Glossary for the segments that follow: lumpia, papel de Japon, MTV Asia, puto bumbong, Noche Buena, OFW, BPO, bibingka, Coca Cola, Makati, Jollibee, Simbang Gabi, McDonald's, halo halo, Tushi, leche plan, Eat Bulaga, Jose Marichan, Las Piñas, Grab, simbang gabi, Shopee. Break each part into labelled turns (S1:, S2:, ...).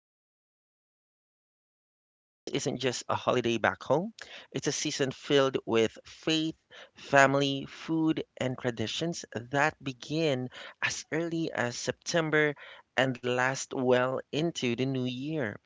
S1: in the Philippines. Christmas isn't just a holiday back home, it's a season filled with faith, family, food, and traditions that begin as early as September and last well into the new year.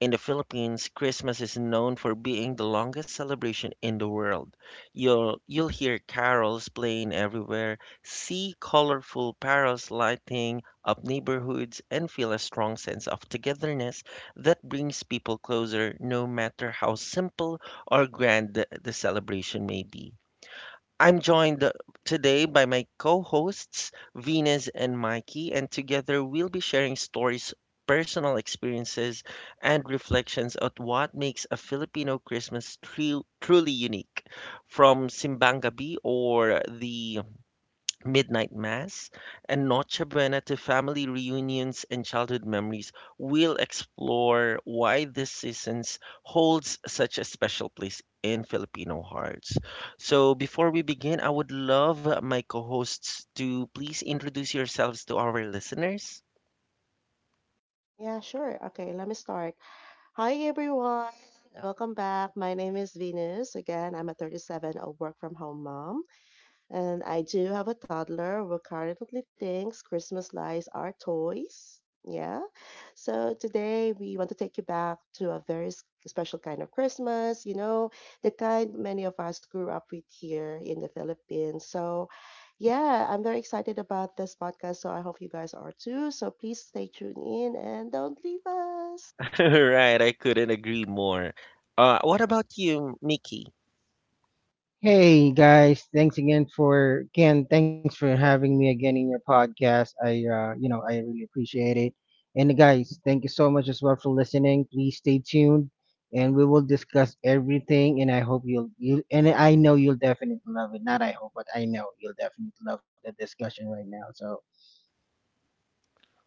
S1: In the Philippines, Christmas is known for being the longest celebration in the world. You'll hear carols playing everywhere, see colorful parols lighting up neighborhoods, and feel a strong sense of togetherness that brings people closer, no matter how simple or grand the celebration may be. I'm joined today by my co hosts, Venus and Mikey, and together we'll be sharing stories, personal experiences, and reflections on what makes a Filipino Christmas truly unique. From Simbang Gabi or the midnight mass, and Noche Buena to family reunions and childhood memories, we'll explore why this season holds such a special place in Filipino hearts. So, before we begin, I would love my co hosts to please introduce yourselves to our listeners.
S2: Yeah, sure. Okay, let me start. Hi, everyone. Welcome back. My name is Venus. Again, I'm a 37, a work from home mom. And I do have a toddler who currently thinks Christmas lights are toys. Yeah. So today we want to take you back to a very special kind of Christmas, the kind many of us grew up with here in the Philippines. So, yeah, I'm very excited about this podcast. So I hope you guys are too. So please stay tuned in and don't leave us.
S1: Right, I couldn't agree more. What about you, Mickey?
S3: Hey guys, thanks again for Ken. Thanks for having me again in your podcast. I I really appreciate it. And guys, thank you so much as well for listening. Please stay tuned, and we will discuss everything. And I hope you and I know you'll definitely love it. Not I hope, but I know you'll definitely love the discussion right now. So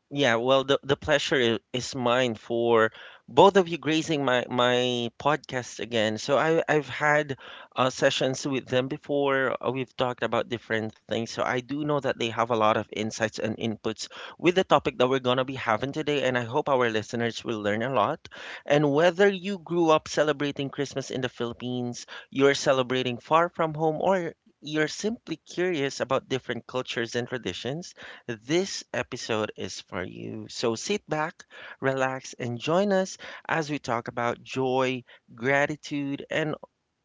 S1: Yeah, well, the pleasure is mine for both of you gracing my podcast again. So I've had sessions with them before. We've talked about different things. So I do know that they have a lot of insights and inputs with the topic that we're gonna be having today, and I hope our listeners will learn a lot. And whether you grew up celebrating Christmas in the Philippines, you're celebrating far from home, or you're simply curious about different cultures and traditions, this episode is for you. So sit back, relax, and join us as we talk about joy, gratitude, and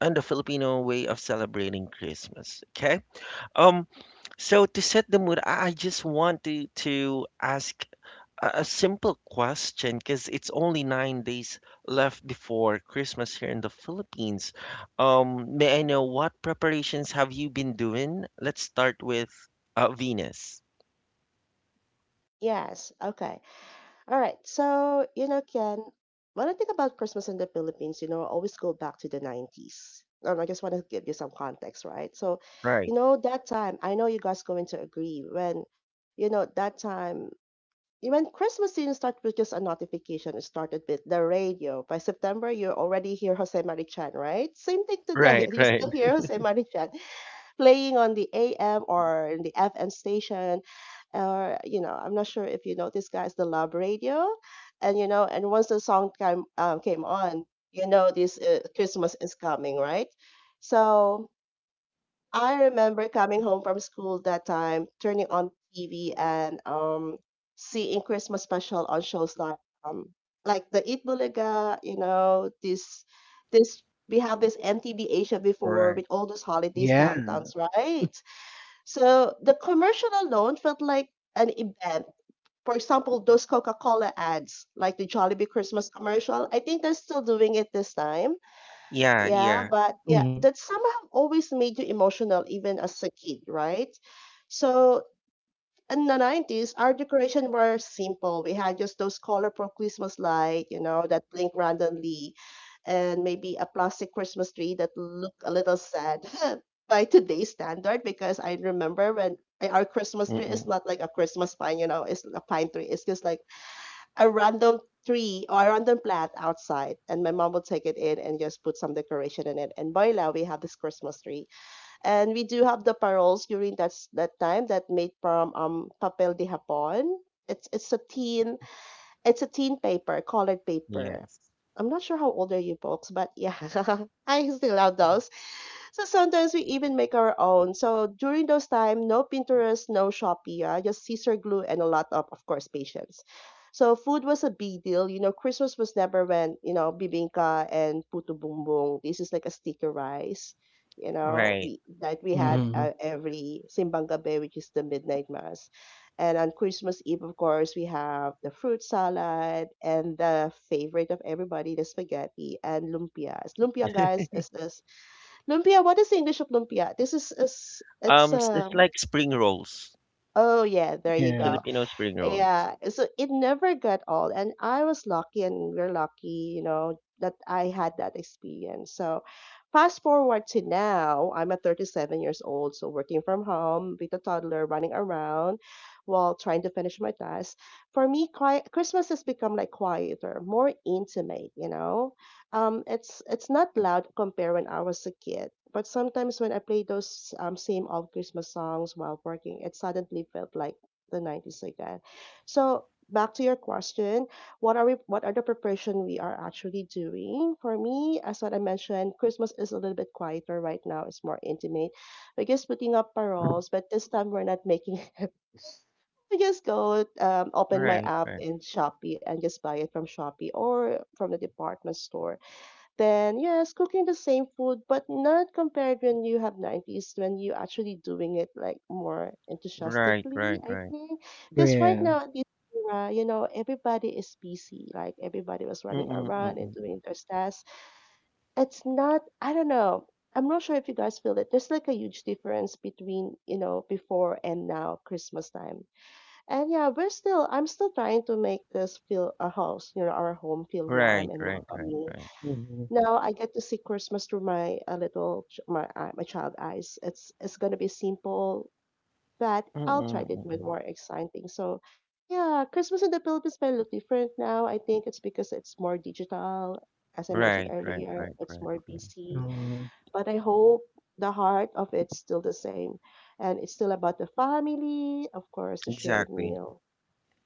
S1: and the Filipino way of celebrating Christmas. Okay. Um. So to set the mood, I just want to ask a simple question because it's only nine days left before Christmas here in the Philippines. May I know what preparations have you been doing? Let's start with Venus.
S2: Yes. Okay. All right. So, Ken, when I think about Christmas in the Philippines, I always go back to the 90s. I just want to give you some context, right? So,
S1: Right.
S2: I know you guys going to agree when, you know, that time, when Christmas didn't start with just a notification, it started with the radio. By September, you already hear Jose Marichan, right? Same thing today.
S1: Right,
S2: You
S1: right,
S2: still hear Jose Marichan playing on the AM or in the FM station or I'm not sure if you know this guy's the lab radio. And and once the song came on. You know this Christmas is coming, right? So I remember coming home from school that time, turning on TV and seeing Christmas special on shows um, like the Eat Bulaga. You know this this We have this MTV Asia before
S1: right.
S2: with all those holidays
S3: yeah.
S2: countdowns, right? So the commercial alone felt like an event. For example, those Coca Cola ads, like the Jollibee Christmas commercial, I think they're still doing it this time.
S1: Yeah,
S2: Yeah,
S1: yeah.
S2: but yeah,
S3: hmm
S2: that somehow always made you emotional, even as a kid, right? So in the 90s, our decoration were simple. We had just those colorful Christmas light, that blink randomly, and maybe a plastic Christmas tree that look a little sad by today's standard. Because I remember when our Christmas tree is
S1: Mm-mm.
S2: not like a Christmas pine, it's a pine tree. It's just like a random tree or a random plant outside, and my mom will take it in and just put some decoration in it. And voila, we have this Christmas tree. And we do have the paroles during that time that made from papel de Japon. It's it's a teen it's a teen paper, colored paper.
S1: Yes.
S2: I'm not sure how old are you folks, but yeah, I still have those. So sometimes we even make our own. So during those time, no Pinterest, no Shopee, just scissor glue and a lot of course, patience. So food was a big deal. Christmas was never when, bibingka and puto bumbong. This is like a sticky rice, you know,
S1: Right.
S2: we that we had
S3: hmm
S2: every simbang gabi, which is the midnight mass. And on Christmas Eve, of course, we have the fruit salad and the favorite of everybody, the spaghetti and lumpias. Lumpia, guys, is the Lumpia, what is the English of lumpia? This is it's
S1: S- it's
S2: um
S1: like spring rolls,
S2: oh yeah, there you
S3: yeah,
S2: go,
S1: Filipino spring rolls.
S2: yeah. So it never got old, and I was lucky, and we're lucky that I had that experience. So fast forward to now, I'm at 37 years old, so working from home with a toddler running around while trying to finish my tasks. For me, quiet Christmas has become like quieter, more intimate. It's not loud compared when I was a kid, but sometimes when I play those same old Christmas songs while working, it suddenly felt like the 90s again. So back to your question, what are the preparation we are actually doing? For me, as what I mentioned, Christmas is a little bit quieter right now. It's more intimate. We're just putting up paroles, but this time we're not making it. I just go, open my
S1: Right,
S2: app
S1: right,
S2: in Shopee and just buy it from Shopee or from the department store. Then yes, cooking the same food, but not compared when you have 90s when you actually doing it like more
S1: right,
S2: enthusiastically,
S1: right,
S2: I
S1: right.
S2: think. Because
S3: yeah.
S2: right now at this era, everybody is busy. Like everybody was running
S1: Mm-mm,
S2: around and
S1: mm-mm.
S2: doing their tasks. It's not, I don't know. I'm not sure if you guys feel it. There's like a huge difference between, before and now Christmas time. And yeah, we're still I'm still trying to make this feel a house, our home feel warm
S1: Right,
S2: and
S1: right, right,
S2: welcoming.
S1: right.
S3: hmm
S2: Now I get to see Christmas through my a little ch- my eye- my child eyes. It's gonna be simple, but
S1: Mm-mm,
S2: I'll try to make it
S1: mm-mm.
S2: more exciting. So, yeah, Christmas in the Philippines may look different now. I think it's because it's more digital. As I mentioned
S1: Right, right,
S2: earlier,
S1: right,
S2: it's
S1: right,
S2: more
S1: right.
S2: busy.
S3: hmm
S2: But I hope the heart of it's still the same, and it's still about the family, of course, the shared
S1: Exactly.
S2: meal.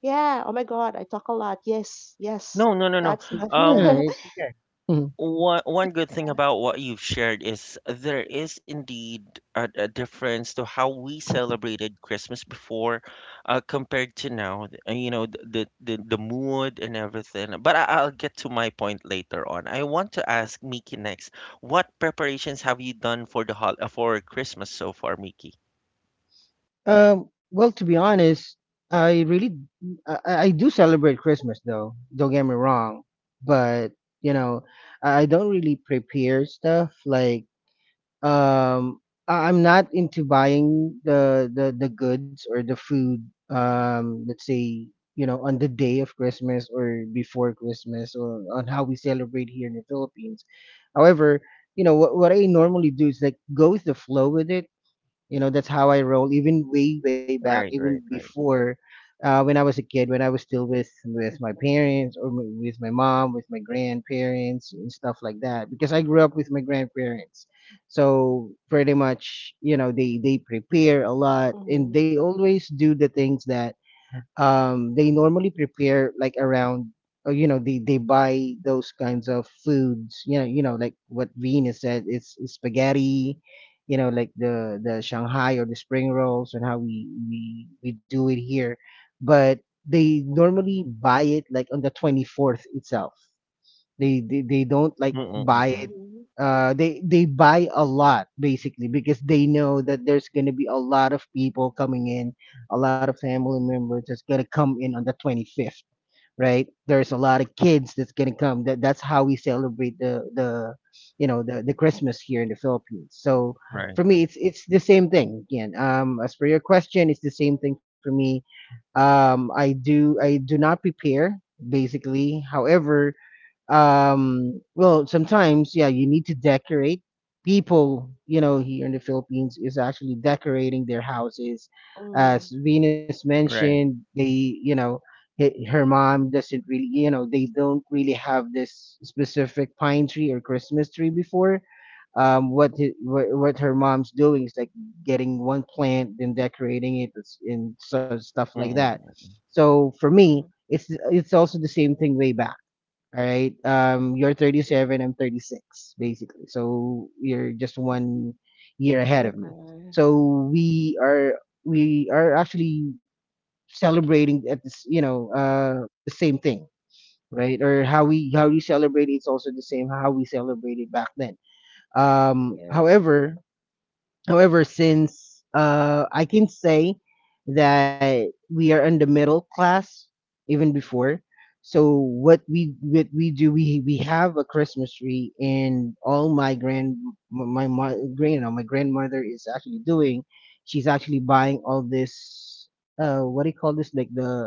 S2: Yeah. Oh my God, I talk a lot. Yes, yes.
S1: No, no, no, no.
S2: That's my.
S3: yeah.
S1: Um,
S3: It's okay. Mm-hmm.
S1: one one good thing about what you've shared is there is indeed a difference to how we celebrated Christmas before, compared to now. You know, the mood and everything. But I, I'll get to my point later on. I want to ask Miki next. What preparations have you done for the hol for Christmas so far, Miki?
S3: Well, to be honest, I really I I do celebrate Christmas though. Don't get me wrong, but you know, I don't really prepare stuff like um I'm not into buying the goods or the food let's say you know on the day of Christmas or before Christmas or on how we celebrate here in the Philippines. However, you know what I normally do is like go with the flow with it you know, that's how I roll. Even way, way back,
S1: Right,
S3: even
S1: right, right.
S3: before, when I was a kid, when I was still with my parents or with my mom, with my grandparents and stuff like that. Because I grew up with my grandparents, so pretty much, you know, they prepare a lot and
S2: Mhm,
S3: they always do the things that they normally prepare like around you know they buy those kinds of foods you know like what Venus said it's spaghetti you know like the Shanghai or the spring rolls and how we do it here, but they normally buy it like on the 24th itself. They don't like buy
S1: Mm-mm-mm.
S3: it.
S2: mhm.
S3: They buy a lot basically because they know that there's gonna be a lot of people coming in, a lot of family members that's gonna come in on the 25th, right? There's a lot of kids that's gonna come. That's how we celebrate the you know the Christmas here in the Philippines. So
S1: Right,
S3: for me, it's the same thing again. As for your question, it's the same thing for me. I do I do not prepare basically. However, well, sometimes yeah, you need to decorate. People, you know, here in the Philippines is actually decorating their houses, as
S2: Mhm.
S3: Venus mentioned.
S1: right.
S3: They you know he- her mom doesn't really you know they don't really have this specific pine tree or Christmas tree before. What her mom's doing is like getting one plant then decorating it. And so stuff like that.
S1: Mm-mm.
S3: So for me
S2: Yeah.
S3: it's it's also the same thing way back. All right. You're 37, I'm 36, basically. So you're just one year ahead of me.
S2: Okay.
S3: So we are actually celebrating at this, you know, the same thing, right? Or how we celebrate, it's also the same how we celebrated back then. Um,
S2: Yeah.
S3: however, However, since I can say that we are in the middle class even before, so what we do, we have a Christmas tree, and all my grandmother is actually doing. She's actually buying all this, uh, what do you call this, like the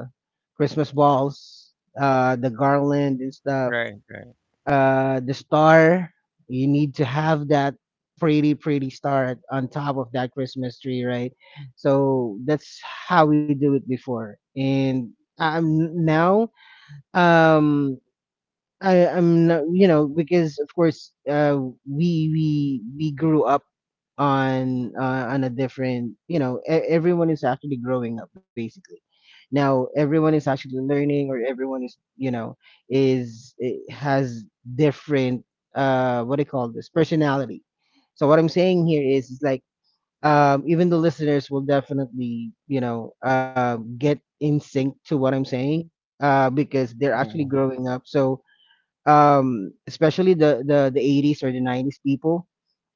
S3: Christmas balls, uh, the garland and stuff,
S1: Right, right.
S3: uh, the star. You need to have that pretty star on top of that Christmas tree, right? So that's how we do it before. And now um I I'm not you know because of course we grew up on a different you know everyone is actually growing up basically. Now everyone is actually learning or everyone is you know has different what do you call this personality. So what I'm saying here is like even the listeners will definitely you know get in sync to what I'm saying because they're actually
S1: Mm-mm.
S3: growing up. So especially the 80s or the 90s people,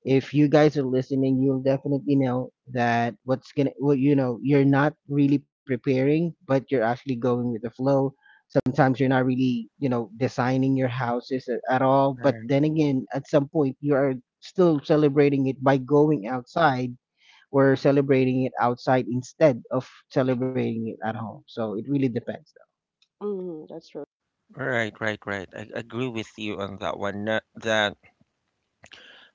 S3: if you guys are listening, you'll definitely know that what's gonna well, you know, you're not really preparing but you're actually going with the flow. Sometimes you're not really you know designing your houses at all, but then again at some point you are still celebrating it by going outside or celebrating it outside instead of celebrating it at home, so it really depends though.
S2: Mhm. That's true.
S1: Right, right, right. I agree with you on that one. That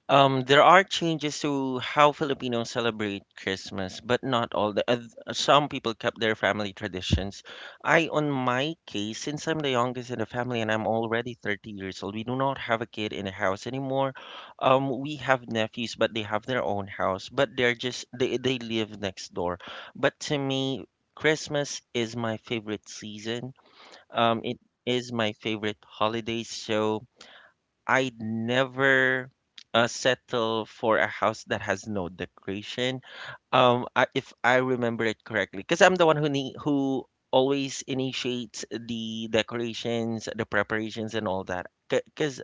S1: there are changes to how Filipinos celebrate Christmas, but not all. The oth- some people kept their family traditions. I, on my case, since I'm the youngest in the family and I'm already 30 years old, we do not have a kid in the house anymore. We have nephews, but they have their own house, but they're just they live next door. But to me, Christmas is my favorite season, it is my favorite holiday, so I'd never settle for a house that has no decoration. If I remember it correctly, because I'm the one who always initiates the decorations, the preparations, and all that. Because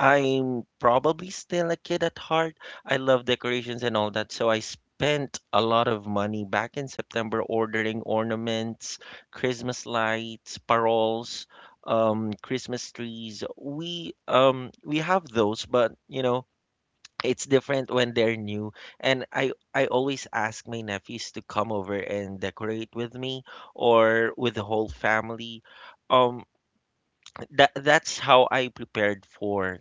S1: I'm probably still a kid at heart. I love decorations and all that. So I spent a lot of money back in September ordering ornaments, Christmas lights, paroles, Christmas trees. We have those, but you know, it's different when they're new. And I always ask my nephews to come over and decorate with me or with the whole family. Um, that that's how I prepared for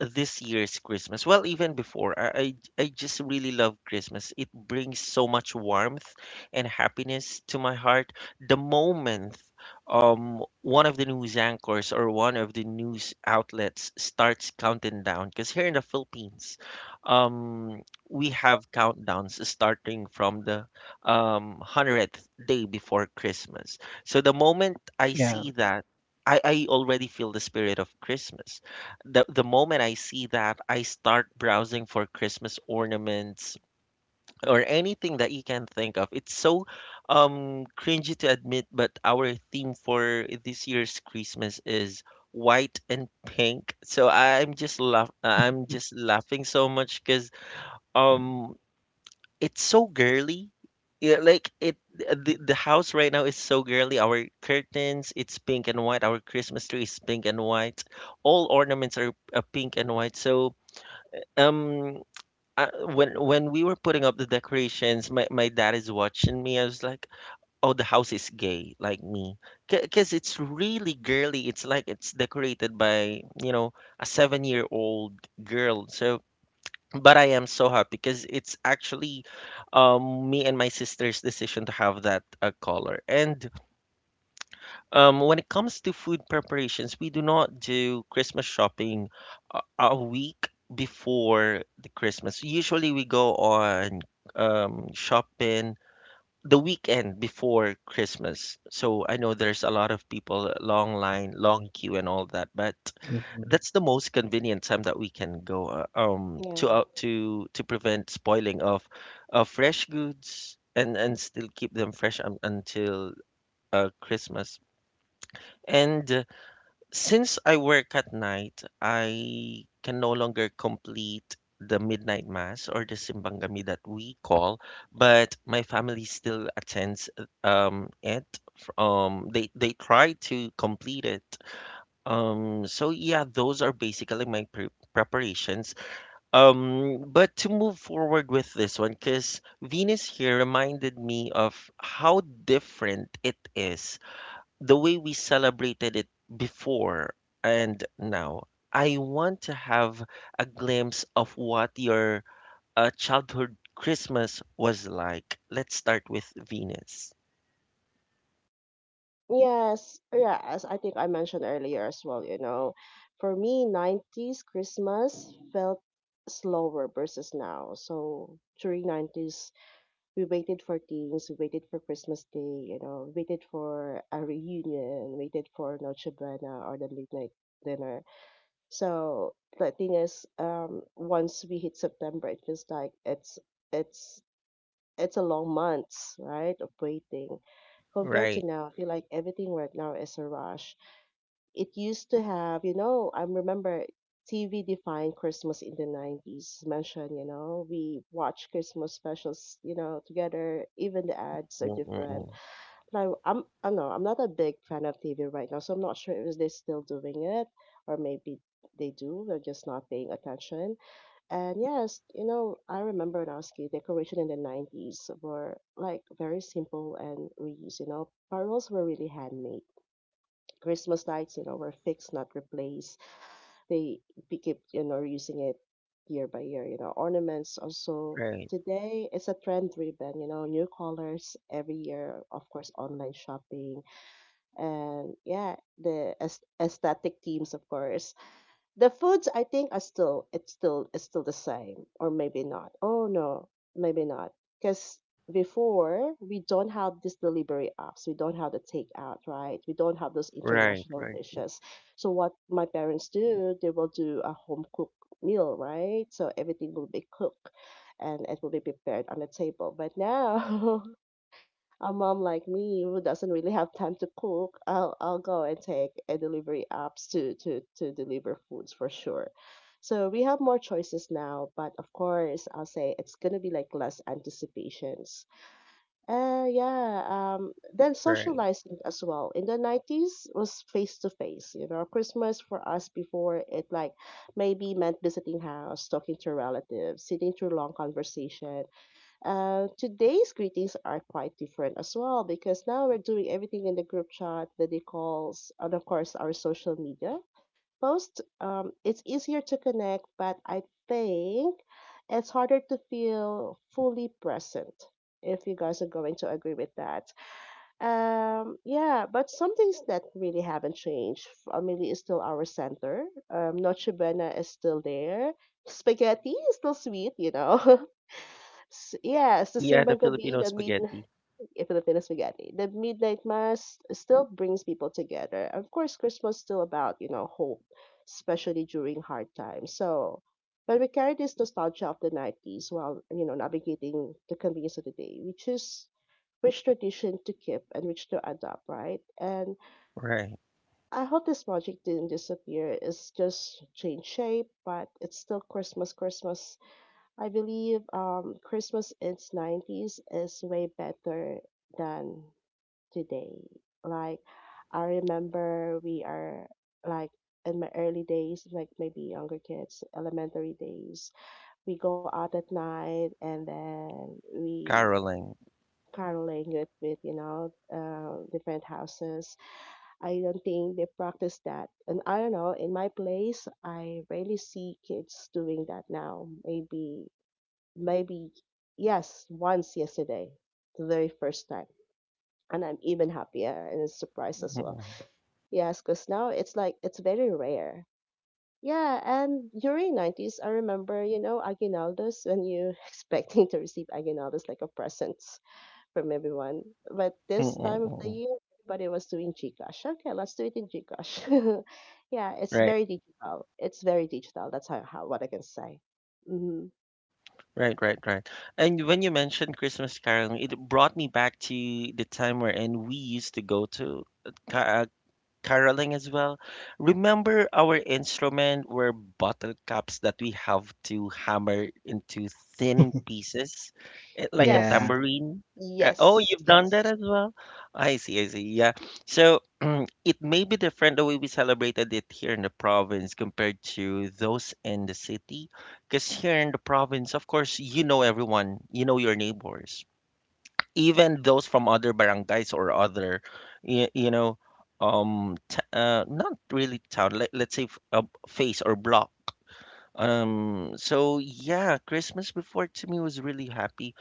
S1: this year's Christmas. Well, even before, I just really love Christmas. It brings so much warmth and happiness to my heart. The moment one of the news anchors or one of the news outlets starts counting down, because here in the Philippines, um we have countdowns starting from the 100th day before Christmas. So the moment I
S3: Yeah.
S1: see that, I already feel the spirit of Christmas. The moment I see that, I start browsing for Christmas ornaments or anything that you can think of. It's so cringy to admit, but our theme for this year's Christmas is white and pink. So I'm just laughing so much because um it's so girly. Yeah, like it the house right now is so girly. Our curtains, it's pink and white. Our Christmas tree is pink and white. All ornaments are pink and white. So, um when we were putting up the decorations, my dad is watching me. I was like, "Oh, the house is gay, like me, because it's really girly. It's like it's decorated by you know a 7-year old girl." So but I am so happy because it's actually me and my sister's decision to have that color. And when it comes to food preparations, we do not do Christmas shopping a week before the Christmas. Usually we go on shopping the weekend before Christmas. So I know there's a lot of people, long line, long queue, and all that. But
S3: Mhm.
S1: that's the most convenient time that we can go
S2: Yeah.
S1: to prevent spoiling of fresh goods and still keep them fresh un until Christmas. And since I work at night, I can no longer complete the midnight mass or the simbang gabi that we call, but my family still attends it. They try to complete it. So yeah, those are basically my preparations. But to move forward with this one, because Venus here reminded me of how different it is the way we celebrated it before and now, I want to have a glimpse of what your childhood Christmas was like. Let's start with Venus.
S2: Yes. Yeah. As I think I mentioned earlier as well, for me, 90s Christmas felt slower versus now. So during 90s, we waited for things, we waited for Christmas Day, waited for a reunion, waited for Noche Buena or the late night dinner. So the thing is, once we hit September, it feels like it's it's a long months, right, of waiting. Compared to
S1: Right.
S2: now, I feel like everything right now is a rush. It used to have, I remember TV defined Christmas in the 90s. Mentioned, we watch Christmas specials, together. Even the ads are different.
S1: Mm-mm-mm.
S2: Now, I don't know, I'm not a big fan of TV right now, so I'm not sure if they're still doing it or maybe they do. They're just not paying attention, and yes, I remember when I was a kid, decoration in the 90s were like very simple and reused. Parols were really handmade. Christmas lights, were fixed, not replaced. They keep, using it year by year. Ornaments also.
S1: Right.
S2: Today, it's a trend driven, new colors every year, of course, online shopping. And yeah, the aesthetic themes, of course. The foods I think are still the same or maybe not. Oh no, maybe not. Because before we don't have these delivery apps, we don't have the takeout, right? We don't have those
S1: Right.
S2: international
S1: Right.
S2: dishes. So what my parents do, they will do a home cooked meal, right? So everything will be cooked and it will be prepared on the table. But now a mom like me who doesn't really have time to cook, I'll go and take a delivery apps to deliver foods for sure. So we have more choices now, but of course I'll say it's gonna be like less anticipations. Yeah, then
S1: Right.
S2: socializing as well. In the 90s was face to face. Christmas for us before it like maybe meant visiting house, talking to relatives, sitting through long conversations today's greetings are quite different as well because now we're doing everything in the group chat, video calls, and of course our social media post. It's easier to connect, but I think it's harder to feel fully present. If you guys are going to agree with that, yeah, but some things that really haven't changed. Family is still our center. Noche Buena is still there. Spaghetti is still sweet. Yes, the
S1: Yeah, the
S2: Simbang Gabi,
S1: Filipino
S2: the midnight
S1: spaghetti.
S2: Filipino spaghetti, the midnight mass still brings people together. Of course, Christmas still about hope, especially during hard times. So, but we carry this nostalgia of the 90s while navigating the convenience of the day, which tradition to keep and which to adopt, right? And
S1: Right.
S2: I hope this magic didn't disappear. It's just changed shape, but it's still Christmas. Christmas I believe Christmas in 90s is way better than today. Like I remember we are like in my early days, like maybe younger kids, elementary days, we go out at night, and then we
S1: Caroling.
S2: caroling with different houses. I don't think they practice that, and I don't know. In my place, I rarely see kids doing that now. Maybe yes, once yesterday, the very first time, and I'm even happier and surprised as well.
S1: Mm-mm.
S2: Yes, because now it's like it's very rare. Yeah, and during 90s I remember, you know, aguinaldos, when you expecting to receive aguinaldos like a present from everyone. But this time of the
S1: Mm-mm-mm.
S2: year everybody was doing GCash. Okay, let's do it in GCash. Yeah, it's
S1: Right.
S2: very digital, it's very digital. That's how what I can say. Hmm.
S1: Right, right, right. And when you mentioned Christmas caroling, it brought me back to the time wherein we used to go to caroling as well. Remember our instrument were bottle caps that we have to hammer into thin pieces, eh, like a
S2: Yes.
S3: Yeah.
S1: tambourine. Oh,
S2: yes
S1: you've done
S2: yes
S1: that as well? I see, I see. Yeah. So it may be different the way we celebrated it here in the province compared to those in the city. Because here in the province, of course, you know everyone, you know your neighbors, even those from other barangays or other you know, not really town, let's say a face or block. Um so yeah, Christmas before to me was really happy.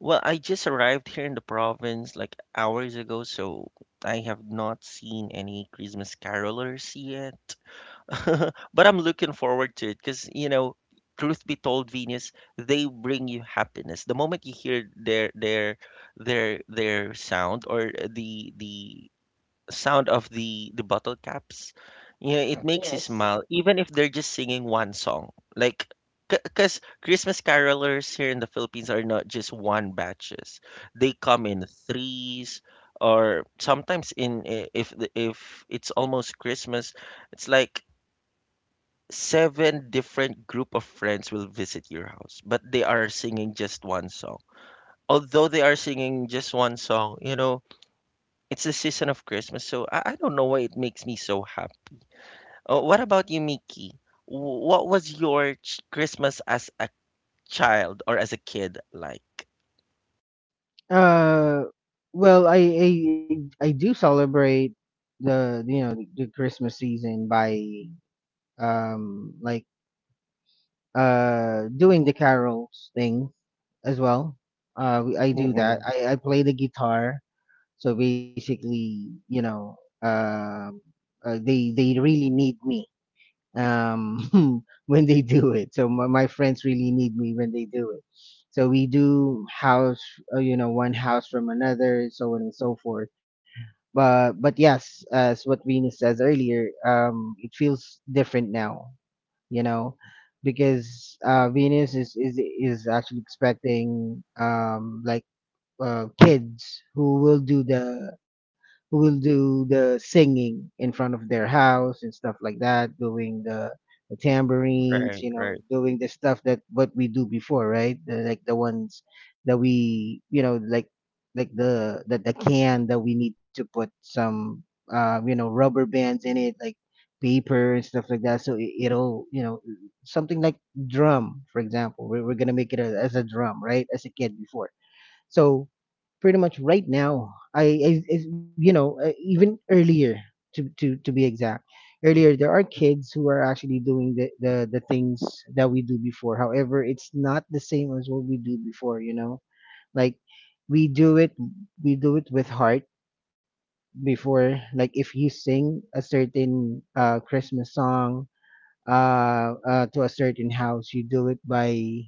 S1: Well, I just arrived here in the province like hours ago, so I have not seen any Christmas carolers yet. But I'm looking forward to it because, you know, truth be told, Venus, they bring you happiness. The moment you hear their sound or the sound of the bottle caps, you know, it makes you
S2: Yes.
S1: smile, even if they're just singing one song. Like, because Christmas carolers here in the Philippines are not just one batches; they come in threes. Or sometimes if if it's almost Christmas, it's like seven different group of friends will visit your house, but they are singing just one song. Although they are singing just one song, you know, it's the season of Christmas, so I don't know why it makes me so happy. What about you, Mickey? What was your Christmas as a child or as a kid like?
S3: Uh, I I do celebrate the you know the Christmas season by like doing the carols thing as well. I do that.
S1: Mm-mm.
S3: I play the guitar, so basically, you know, um, they really need me when they do it. So my friends really need me when they do it. So we do house, you know, one house from another, so on and so forth. But yes, as what Rina says earlier, it feels different now, you know, because Venus is actually expecting like kids who will do the singing in front of their house and stuff like that, doing the tambourines,
S1: Right,
S3: you know,
S1: right,
S3: doing the stuff that what we do before, right? The, like the ones that we, you know, like the can that we need to put some, you know, rubber bands in it, like paper and stuff like that. So it, it'll, you know, something like drum, for example. We're gonna make it a, as a drum, right? As a kid before. So pretty much right now, I you know even earlier, to be exact, earlier there are kids who are actually doing the things that we do before. However, it's not the same as what we do before. You know, like we do it we do it with heart before. Like if you sing a certain Christmas song uh to a certain house, you do it by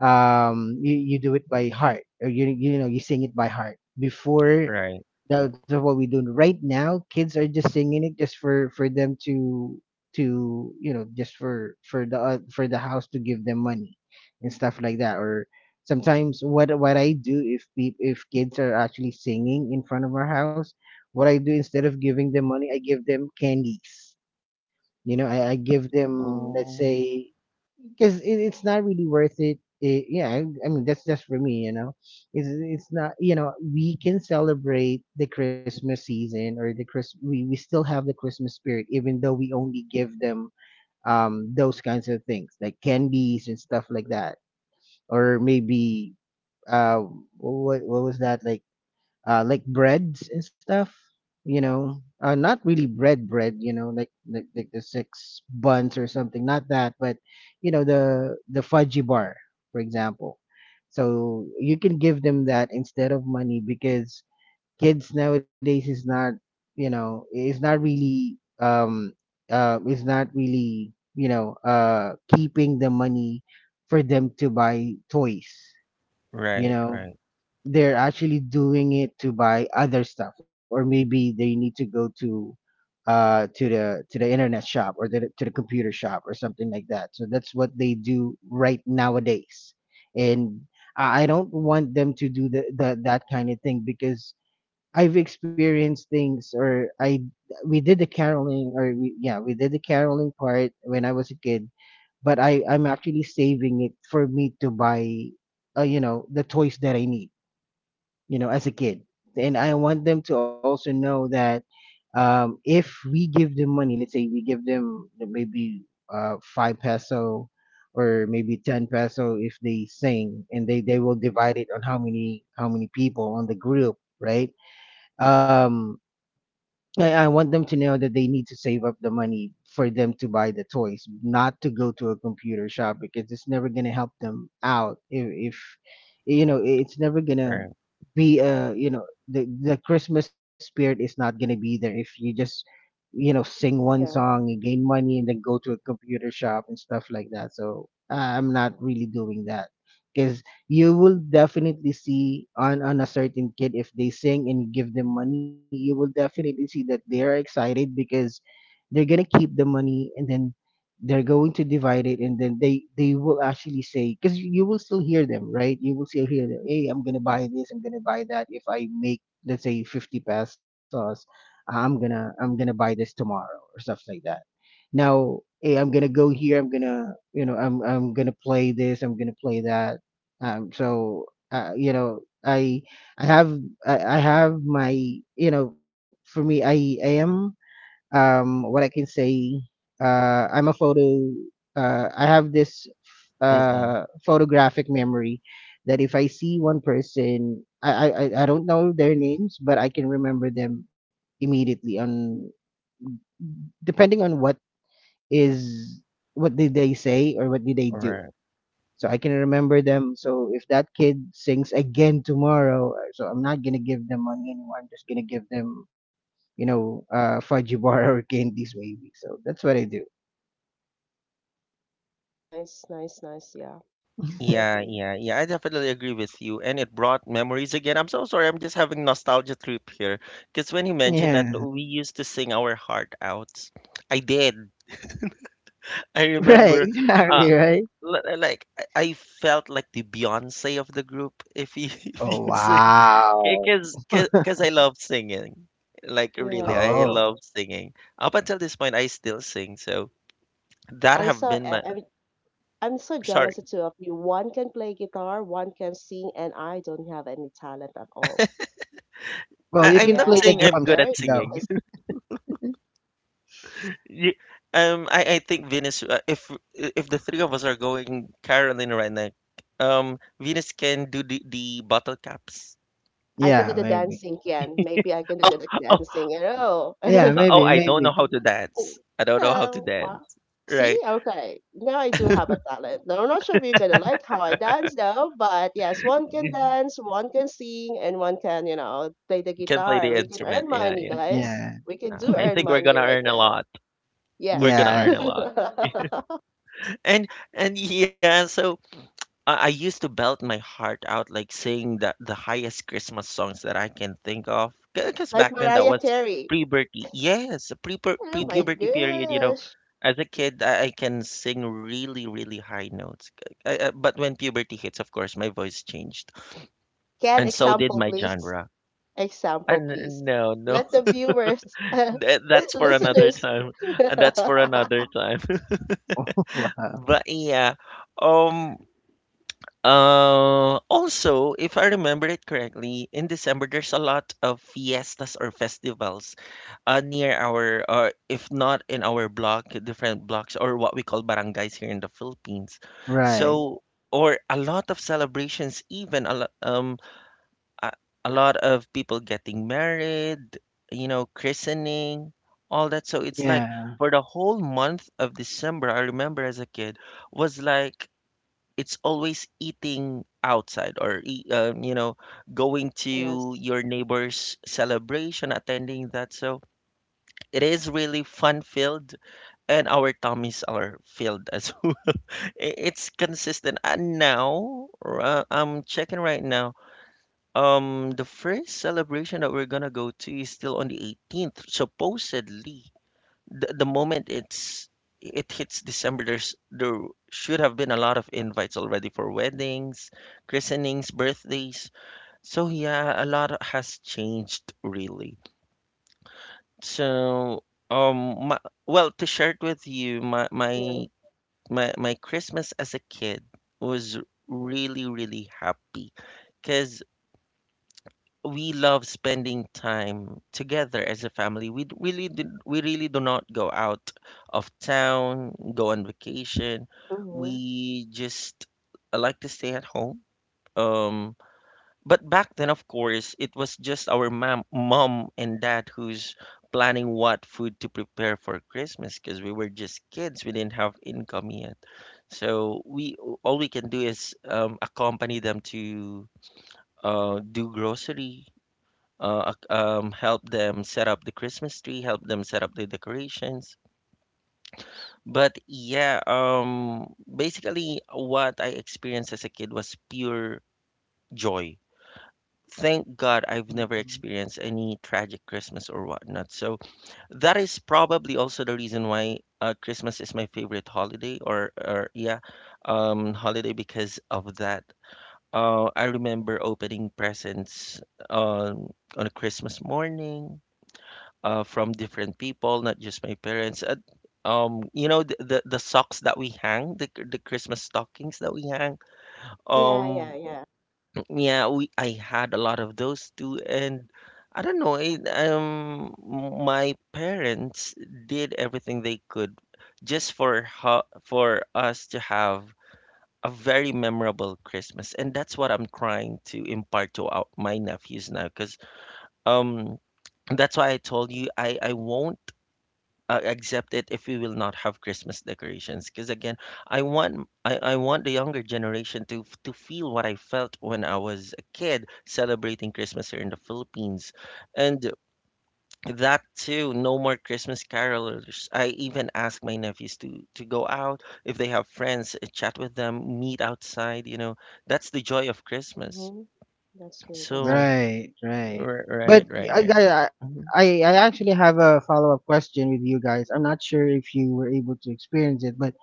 S3: you do it by heart or you know you sing it by heart before.
S1: right.
S3: That's what we do right now. Kids are just singing it just for them to you know just for the house to give them money and stuff like that. Or sometimes what I do if peop if kids are actually singing in front of our house, what I do instead of giving them money, I give them candies. You know I give them let's
S1: Ooh,
S3: say, because it's not really worth it. Yeah, I mean that's just for me, you know. It's not you know we can celebrate the Christmas season or the we still have the Christmas spirit even though we only give them those kinds of things like candies and stuff like that. Or maybe uh what was that like breads and stuff, you know, uh, not really bread, you know, like like the six buns or something, not that, but you know the fudgy bar, for example. So you can give them that instead of money, because kids nowadays is not you know um is not really you know keeping the money for them to buy toys, you
S1: right,
S3: know.
S1: right,
S3: They're actually doing it to buy other stuff, or maybe they need to go to the internet shop or the, to the computer shop or something like that. So that's what they do right nowadays. And I don't want them to do the that kind of thing, because I've experienced things, or I we did the caroling, or we, yeah, we did the caroling part when I was a kid, but I'm actually saving it for me to buy you know, the toys that I need, you know, as a kid. And I want them to also know that if we give them money, let's say we give them the maybe 5-peso peso or maybe 10-peso peso if they sing and they will divide it on how many people on the group, right? Um, I want them to know that they need to save up the money for them to buy the toys, not to go to a computer shop, because it's never gonna help them out. If you know, it's never gonna
S1: right.
S3: be a you know the Christmas spirit is not gonna be there if you just you know sing one
S2: Yeah.
S3: song and gain money and then go to a computer shop and stuff like that. So I'm not really doing that because you will definitely see on a certain kid if they sing and you give them money. You will definitely see that they are excited because they're gonna keep the money, and then they're going to divide it. And then they will actually say, because you will still hear them, right? You will still hear them. Hey, I'm gonna buy this, I'm gonna buy that. If I make, let's say, 50 pesos, I'm gonna buy this tomorrow, or stuff like that. Now, hey, I'm gonna go here, I'm gonna, you know, I'm gonna play this, I'm gonna play that. um so you know, i have I have my, you know, for me, I am, what I can say, I'm a photo, I have this
S1: Mm-mm.
S3: photographic memory, that if I see one person, I don't know their names, but I can remember them immediately, on, depending on what is, what did they say or what did they do.
S1: Right.
S3: So I can remember them. So if that kid sings again tomorrow, so I'm not gonna give them money anymore. I'm just gonna give them, fudgy bar or candies maybe. So that's what I do.
S2: Nice, nice, nice. Yeah. I
S1: Yeah,
S2: agree.
S1: yeah, yeah. I definitely agree with you. And it brought memories again. I'm so sorry. I'm just having nostalgia trip here. Because when you mentioned that
S3: Yeah.
S1: we used to sing our heart out, I did. I
S3: Right,
S1: remember. Uh,
S3: exactly, right.
S1: I felt like the Beyonce of the group, if you if
S3: Oh,
S1: you say,
S3: wow.
S1: because I love singing. Like really,
S2: Yes,
S1: I
S3: Oh,
S2: yes.
S1: love singing. Up until this point, I still sing. So that
S2: I'm
S1: have
S2: so e-,
S1: been
S2: I,
S1: my.
S2: I'm so jealous of
S1: Sorry,
S2: two of you. One can play guitar, one can sing, and I don't have any talent at all.
S3: well, you
S1: I'm
S3: can
S1: not
S3: play
S2: Yeah,
S3: the
S1: saying I'm
S3: drums
S1: good
S2: very
S1: at
S3: though.
S1: singing.
S2: jealous.
S1: Ye- I think Venus. If the three of us are going Caroline right now, Venus can do the bottle caps.
S2: I can
S3: Yeah,
S2: do the
S3: maybe.
S2: dancing, Ken. Maybe I can do
S1: Oh,
S2: the
S1: oh,
S2: dancing. You know.
S3: Yeah,
S1: oh!
S3: maybe
S1: I don't
S3: maybe
S1: know how to
S2: Oh,
S1: dance. I don't know how to
S2: hello. Wow.
S1: dance.
S2: See,
S1: Right?
S2: okay. Now I do have a talent. Now, I'm not sure if you're gonna like how I dance though, but yes, one can dance, one can sing, and one can, you know, play the
S1: Can play the
S2: guitar. We can
S1: instrument.
S2: earn
S1: Yeah,
S2: money,
S1: yeah.
S2: guys.
S3: Yeah,
S2: We can do
S1: I
S2: earn
S1: think we're
S2: money
S1: gonna
S2: right
S1: earn a
S2: now.
S1: lot. We're gonna
S2: Yes.
S3: yeah.
S1: earn a lot. And yeah. So I used to belt my heart out, like sing the highest Christmas songs that I can think of. Because
S2: Like
S1: back then that
S2: Mariah
S1: was
S2: Carey.
S1: pre-puberty. Yes, pre
S2: Oh
S3: Ooh,
S2: my
S1: pre-puberty period. You know,
S2: gosh.
S1: as a kid, I can sing really, really high notes. But when puberty hits, of course, my voice changed,
S2: Can
S1: and so did
S2: example
S1: my
S2: please?
S1: genre.
S2: Example please.
S1: And no, no,
S2: Let the viewers,
S1: that, that's for another
S2: listeners.
S1: time. And that's for another time.
S3: wow.
S1: But yeah, um, also, if I remember it correctly, in December there's a lot of fiestas or festivals near our, or if not in our block, different blocks or what we call barangays here in the Philippines.
S3: Right.
S1: So, or a lot of celebrations, even a lot, a, a lot of people getting married, you know, christening, all that. So it's like
S3: Yeah.
S1: for the whole month of December, I remember as a kid, was like it's always eating outside or you know, going to
S2: Yes.
S1: your neighbor's celebration, attending that. So it is really fun filled, and our tummies are filled as well. It's consistent, and now I'm checking right now. The first celebration that we're gonna go to is still on the 18th, supposedly. The moment it hits December, there should have been a lot of invites already for weddings, christenings, birthdays. So yeah, a lot has changed really. So my, well, to share it with you, my my
S2: Yeah.
S1: my my Christmas as a kid was really, really happy, cause we love spending time together as a family. Really did. We really do not go out of town, go on vacation.
S2: Mhm.
S1: We just like to stay at home. Um, but back then, of course, it was just our mom and dad who's planning what food to prepare for Christmas because we were just kids. We didn't have income yet, so we all we can do is accompany them to do grocery, help them set up the Christmas tree, help them set up the decorations. But yeah, basically, what I experienced as a kid was pure joy. Thank God I've never
S3: Mhm.
S1: experienced any tragic Christmas or whatnot. So that is probably also the reason why Christmas is my favorite holiday, or yeah, holiday because of that. I remember opening presents um, on a Christmas morning from different people, not just my parents. And, you know, the, the socks that we hang, the Christmas stockings that we hang.
S2: Yeah, yeah,
S1: Um,
S2: yeah.
S1: yeah, we I had a lot of those too, and I don't know. My parents did everything they could just for us to have a very memorable Christmas, and that's what I'm trying to impart to our, my nephews now, because um. that's why I told you I won't accept it if we will not have Christmas decorations. Because again, I want the younger generation to feel what I felt when I was a kid celebrating Christmas here in the Philippines, and that too. No more Christmas carolers. I even ask my nephews to go out if they have friends, chat with them, meet outside. You know, that's the joy of Christmas.
S2: Mm-hmm. That's true. That's
S1: So
S2: true.
S3: Right, right.
S1: right,
S3: But
S1: right, right,
S3: I,
S1: right.
S3: I, I
S1: Mm-hmm.
S3: I actually have a follow-up question with you guys. I'm not sure if you were able to experience it, but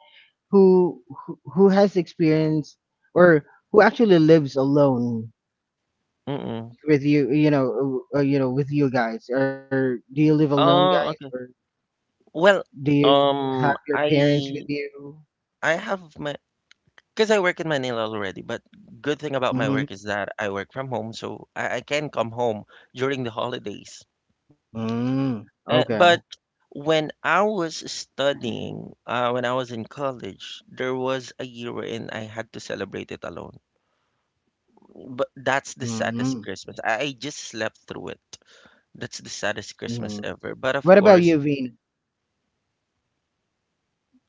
S3: who has experienced, or who actually lives alone
S1: Mm-mm.
S3: with you, with you guys? Or do you live alone, guys?
S1: Oh,
S3: Or
S1: okay. Well,
S3: do you have
S1: um,
S3: your parents with
S1: I
S3: you?
S1: I have my because I work in Manila already, but good thing about my
S3: Mm-hmm.
S1: work is that I work from home, so I can come home during the holidays.
S3: Mm, okay.
S1: But when I was studying, when I was in college, there was a year wherein I had to celebrate it alone. But that's the saddest
S3: Mm-hmm.
S1: Christmas. I just slept through it. That's the saddest Christmas
S3: Mm.
S1: ever. But of
S3: What about
S1: course,
S3: you, Vina?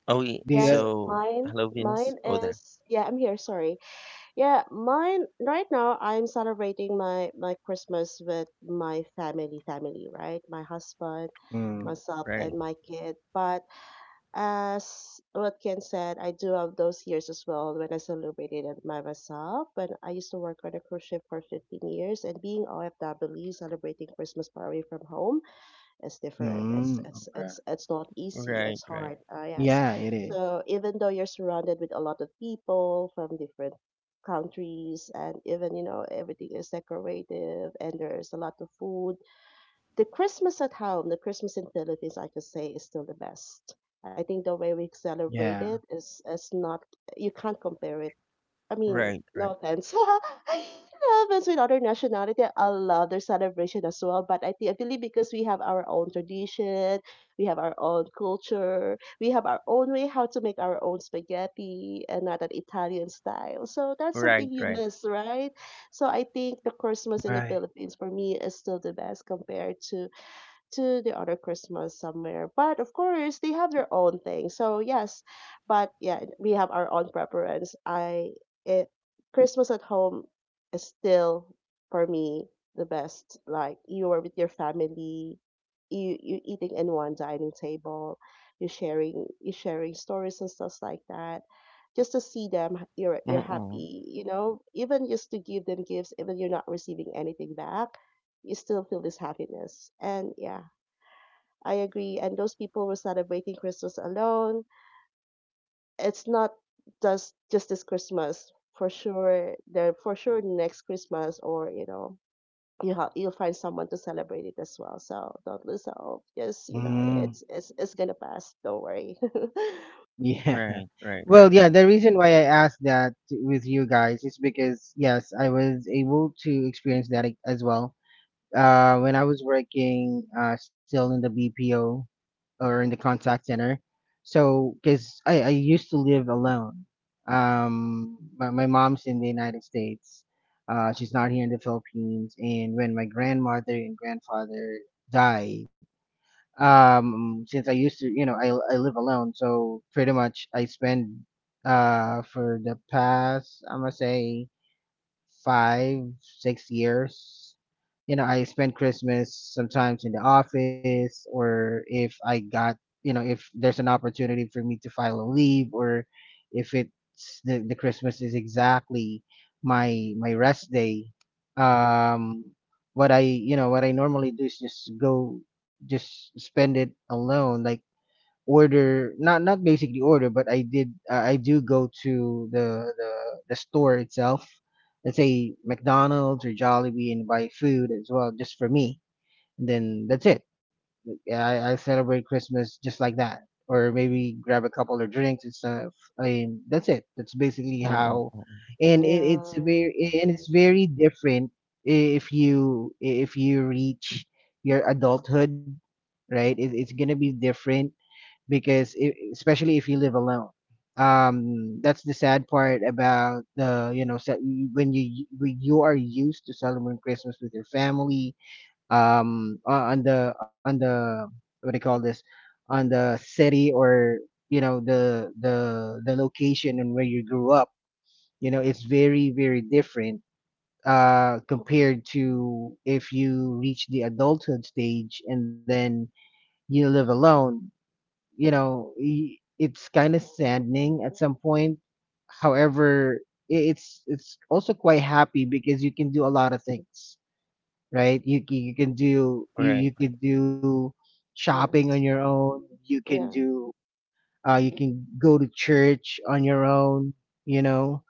S1: oh, yeah,
S3: Do
S2: Yes,
S3: you,
S1: so
S2: mine,
S1: hello, Venus. Oh, there.
S2: yeah, I'm here, sorry. Yeah, mine, right now I'm celebrating my my Christmas with my family, right? My husband,
S3: mm,
S2: myself,
S1: Right,
S2: and my kid. But as what Ken said, I do have those years as well when I celebrated it by myself. When I used to work on a cruise ship for 15 years and being OFW, celebrating Christmas far away from home is different. It's
S3: mm,
S2: it's
S3: okay.
S2: it's it's not easy.
S1: right,
S2: It's
S1: right,
S2: hard. Yes.
S3: Yeah, it
S2: So
S3: is.
S2: even though you're surrounded with a lot of people from different countries, and even you know everything is decorative, and there's a lot of food. The Christmas at home, the Christmas in Philippines, I could say, is still the best. I think the way we celebrate it
S3: Yeah,
S2: is not. You can't compare it. I mean,
S1: right,
S2: no offense, no offense, with other nationality. I love their celebration as well. I believe because we have our own tradition, we have our own culture, we have our own way how to make our own spaghetti and not an Italian style. So that's something
S1: right,
S2: you
S1: right.
S2: miss, right? So I think the Christmas in the
S3: right.
S2: Philippines for me is still the best compared to the other Christmas somewhere. But of course, they have their own thing. So yes, but yeah, we have our own preference. It, Christmas at home is still for me the best. Like you are with your family, you eating in one dining table, you sharing stories and stuff like that. Just to see them, h- You're
S1: Mm-mm.
S2: happy, you know. Even just to give them gifts, even you're not receiving anything back, you still feel this happiness. And yeah, I agree. And those people were celebrating Christmas alone. It's not just this Christmas. For sure, they're for sure next Christmas or you know you have you'll find someone to celebrate it as well. So don't lose hope. Just you know
S3: Mm,
S2: it's gonna pass. Don't worry.
S3: yeah.
S1: Right, right, right,
S3: Well, yeah,
S1: right.
S3: the reason why I asked that with you guys is because, yes, I was able to experience that as well. When I was working still in the BPO or in the contact center. So, because I used to live alone. My mom's in the United States. She's not here in the Philippines. And when my grandmother and grandfather died, since I used to, I live alone, so pretty much I spend, for the past, I'm gonna say, 5, 6 years. You know, I spend Christmas sometimes in the office, or if I got, you know, if there's an opportunity for me to file a leave, or if it's the Christmas is exactly my rest day. Um, what I, you know, what I normally do is just go, just spend it alone, like order, not basically order, but I did, I do go to the store itself, let's say McDonald's or Jollibee, and buy food as well, just for me, and then that's it. Yeah, I celebrate Christmas just like that, or maybe grab a couple of drinks and stuff. I mean, that's it, that's basically
S1: Mm, mm,
S3: how.
S1: mm.
S3: and it, it's
S2: Yeah.
S3: very and it's very different if you reach your adulthood. Right, it's gonna be different, because I especially if you live alone. That's the sad part about the, when you are used to celebrating Christmas with your family, on the what do you call this, on the city, or, you know, the location and where you grew up. You know, it's very, very different. Compared to, if you reach the adulthood stage, and then you live alone, you know, it's kind of saddening at some point. However, it's also quite happy, because you can do a lot of things. Right, you can do,
S1: Right,
S3: you can do shopping on your
S2: Yes.
S3: own. You can
S2: Yeah.
S3: do, you can go to church on your own, you know.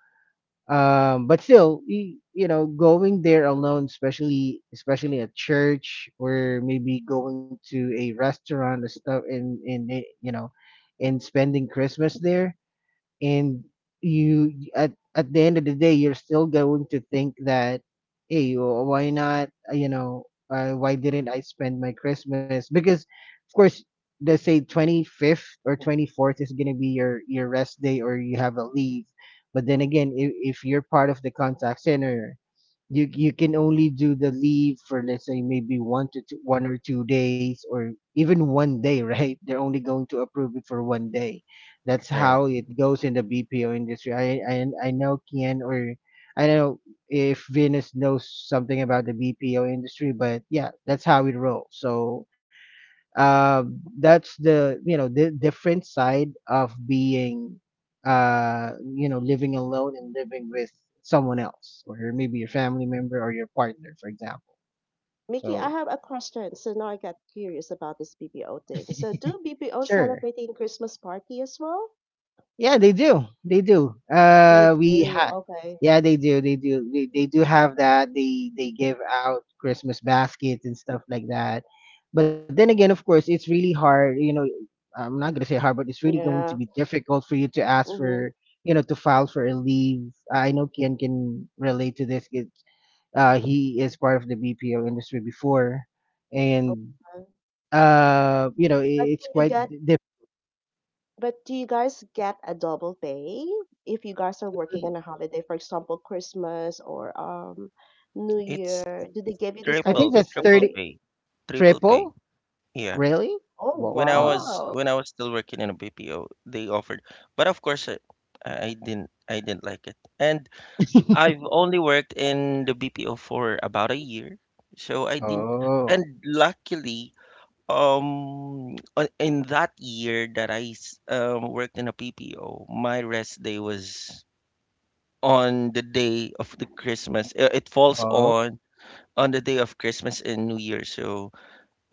S3: But still, you know, going there alone, especially at church, or maybe going to a restaurant or stuff, and you know, and spending Christmas there. And you at the end of the day, you're still going to think that, hey, why not, you know, why didn't I spend my Christmas, because of course, let's say 25th or 24th is going to be your rest day, or you have a leave. But then again, if you're part of the contact center, you can only do the leave for, let's say, maybe 1 or 2 days, or even one day. Right, they're only going to approve it for one day. That's how
S1: right.
S3: it goes in the BPO industry. I know Kian, or I don't know if Venus knows something about the BPO industry, but yeah, that's how it rolls. So, uh, that's the, you know, the different side of being, you know, living alone and living with someone else, or maybe your family member or your partner, for example.
S2: Mickey, I
S3: So
S2: have a question. So now I got curious about this BBO thing. So do BBO
S3: sure.
S2: celebrating Christmas party as well?
S3: Yeah, they do. They do.
S2: They
S3: We
S2: do.
S3: ha
S2: Okay.
S3: Yeah, they do. They do. They do have that. They give out Christmas baskets and stuff like that. But then again, of course, it's really hard. You know, I'm not gonna say hard, but it's really going
S2: Yeah.
S3: to be difficult for you to ask
S2: Mhm.
S3: for, to file for a leave. I know Ken can relate to this, he is part of the BPO industry before, and
S2: Um,
S3: you know,
S2: but
S3: it's
S2: do you
S3: quite.
S2: get,
S3: Diff
S2: but do you guys get a double pay if you guys are working on a holiday, for example, Christmas or New
S1: It's
S2: Year? Do they give you this
S3: I
S2: kind of
S3: think
S1: triple,
S3: that's
S1: triple
S2: incentive?
S3: 30
S1: pay, triple pay.
S3: triple.
S1: Yeah.
S3: Really?
S2: Oh
S3: Well,
S1: When I
S3: wow.
S1: was
S2: wow.
S1: still working in a BPO, they offered, but of course, I didn't like it. And I've only worked in the BPO for about a year, so I didn't.
S3: Oh,
S1: And luckily, in that year that worked in a BPO, my rest day was on the day of the Christmas. It falls
S3: oh,
S1: on the day of Christmas and New Year. So,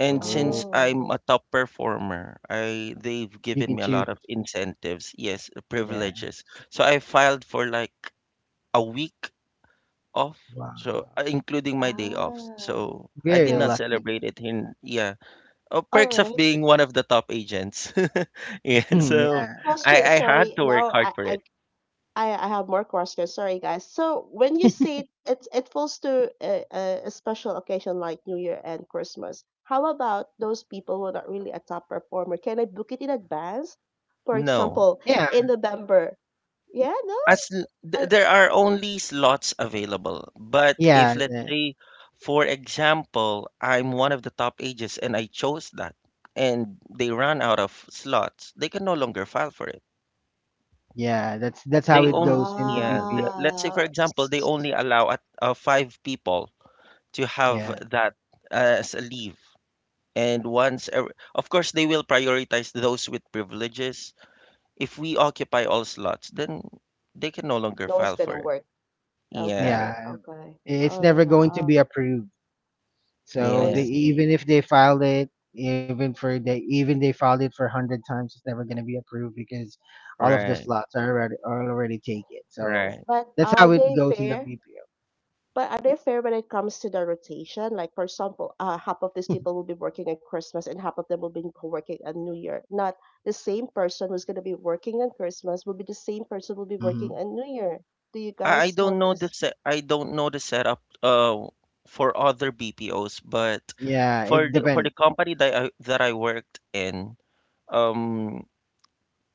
S1: and
S3: oh.
S1: since I'm
S2: Oh.
S1: a top performer, I they've
S3: You
S1: given
S3: can
S1: me a lot of
S3: choose.
S1: incentives, yes,
S3: Yeah.
S1: privileges. So I filed for like a week off, so
S3: Wow.
S1: including my day off.
S2: Ah.
S1: So I did
S3: Very
S1: not
S2: Okay.
S3: lucky.
S1: celebrate it in yeah. Oh,
S2: All
S1: perks of
S2: right.
S1: being one of the top agents. yeah,
S3: Hmm,
S1: so
S3: yeah.
S2: Question,
S1: I had
S2: sorry.
S1: to work
S2: Now
S1: hard
S2: I,
S1: for
S2: I
S1: it.
S2: I I have more questions. Sorry, guys. So when you say it it falls to a special occasion like New Year and Christmas, how about those people who are not really a top performer? Can I book it in advance? For
S1: No.
S2: example,
S3: Yeah.
S2: in November. Yeah, no.
S3: uh,
S2: I-
S1: There are only slots available. But
S3: Yeah.
S1: if let's say, for example, I'm one of the top ages and I chose that, and they run out of slots, they can no longer file for it.
S3: Yeah. That's how
S1: They
S3: it
S1: own
S3: goes in the
S1: yeah.
S3: BPO.
S1: Let's say, for
S2: Ah,
S1: example, they only
S2: s-
S1: allow at, five people to have
S3: Yeah.
S1: that as a leave. And once, of course, they will prioritize those with privileges. If we occupy all slots, then they can no longer
S2: no one's
S1: file for
S2: gonna
S1: it.
S2: work.
S1: Yeah,
S2: Okay,
S3: Yeah.
S2: okay.
S3: It's
S2: Oh
S3: never going to
S2: wow,
S3: be approved. So
S2: I
S3: they
S1: yeah.
S3: even
S2: see.
S3: if they filed it, even for they filed it for 100 times, it's never going to be approved, because all of the
S1: Right,
S3: slots are already taken. So
S1: right.
S2: But
S3: that's
S2: are
S3: how it
S2: they
S3: goes in the
S2: fair? But are they fair when it comes to the rotation? Like, for example, half of these people will be working on Christmas and half of them will be working on New Year. Not the same person who's going to be working on Christmas will be the same person who will be working
S3: BPO.
S2: on New Year. Do you guys have this?
S1: I don't know the setup for other BPOs, but
S3: Yeah, it
S1: for for
S3: depends.
S1: the company that I worked in, um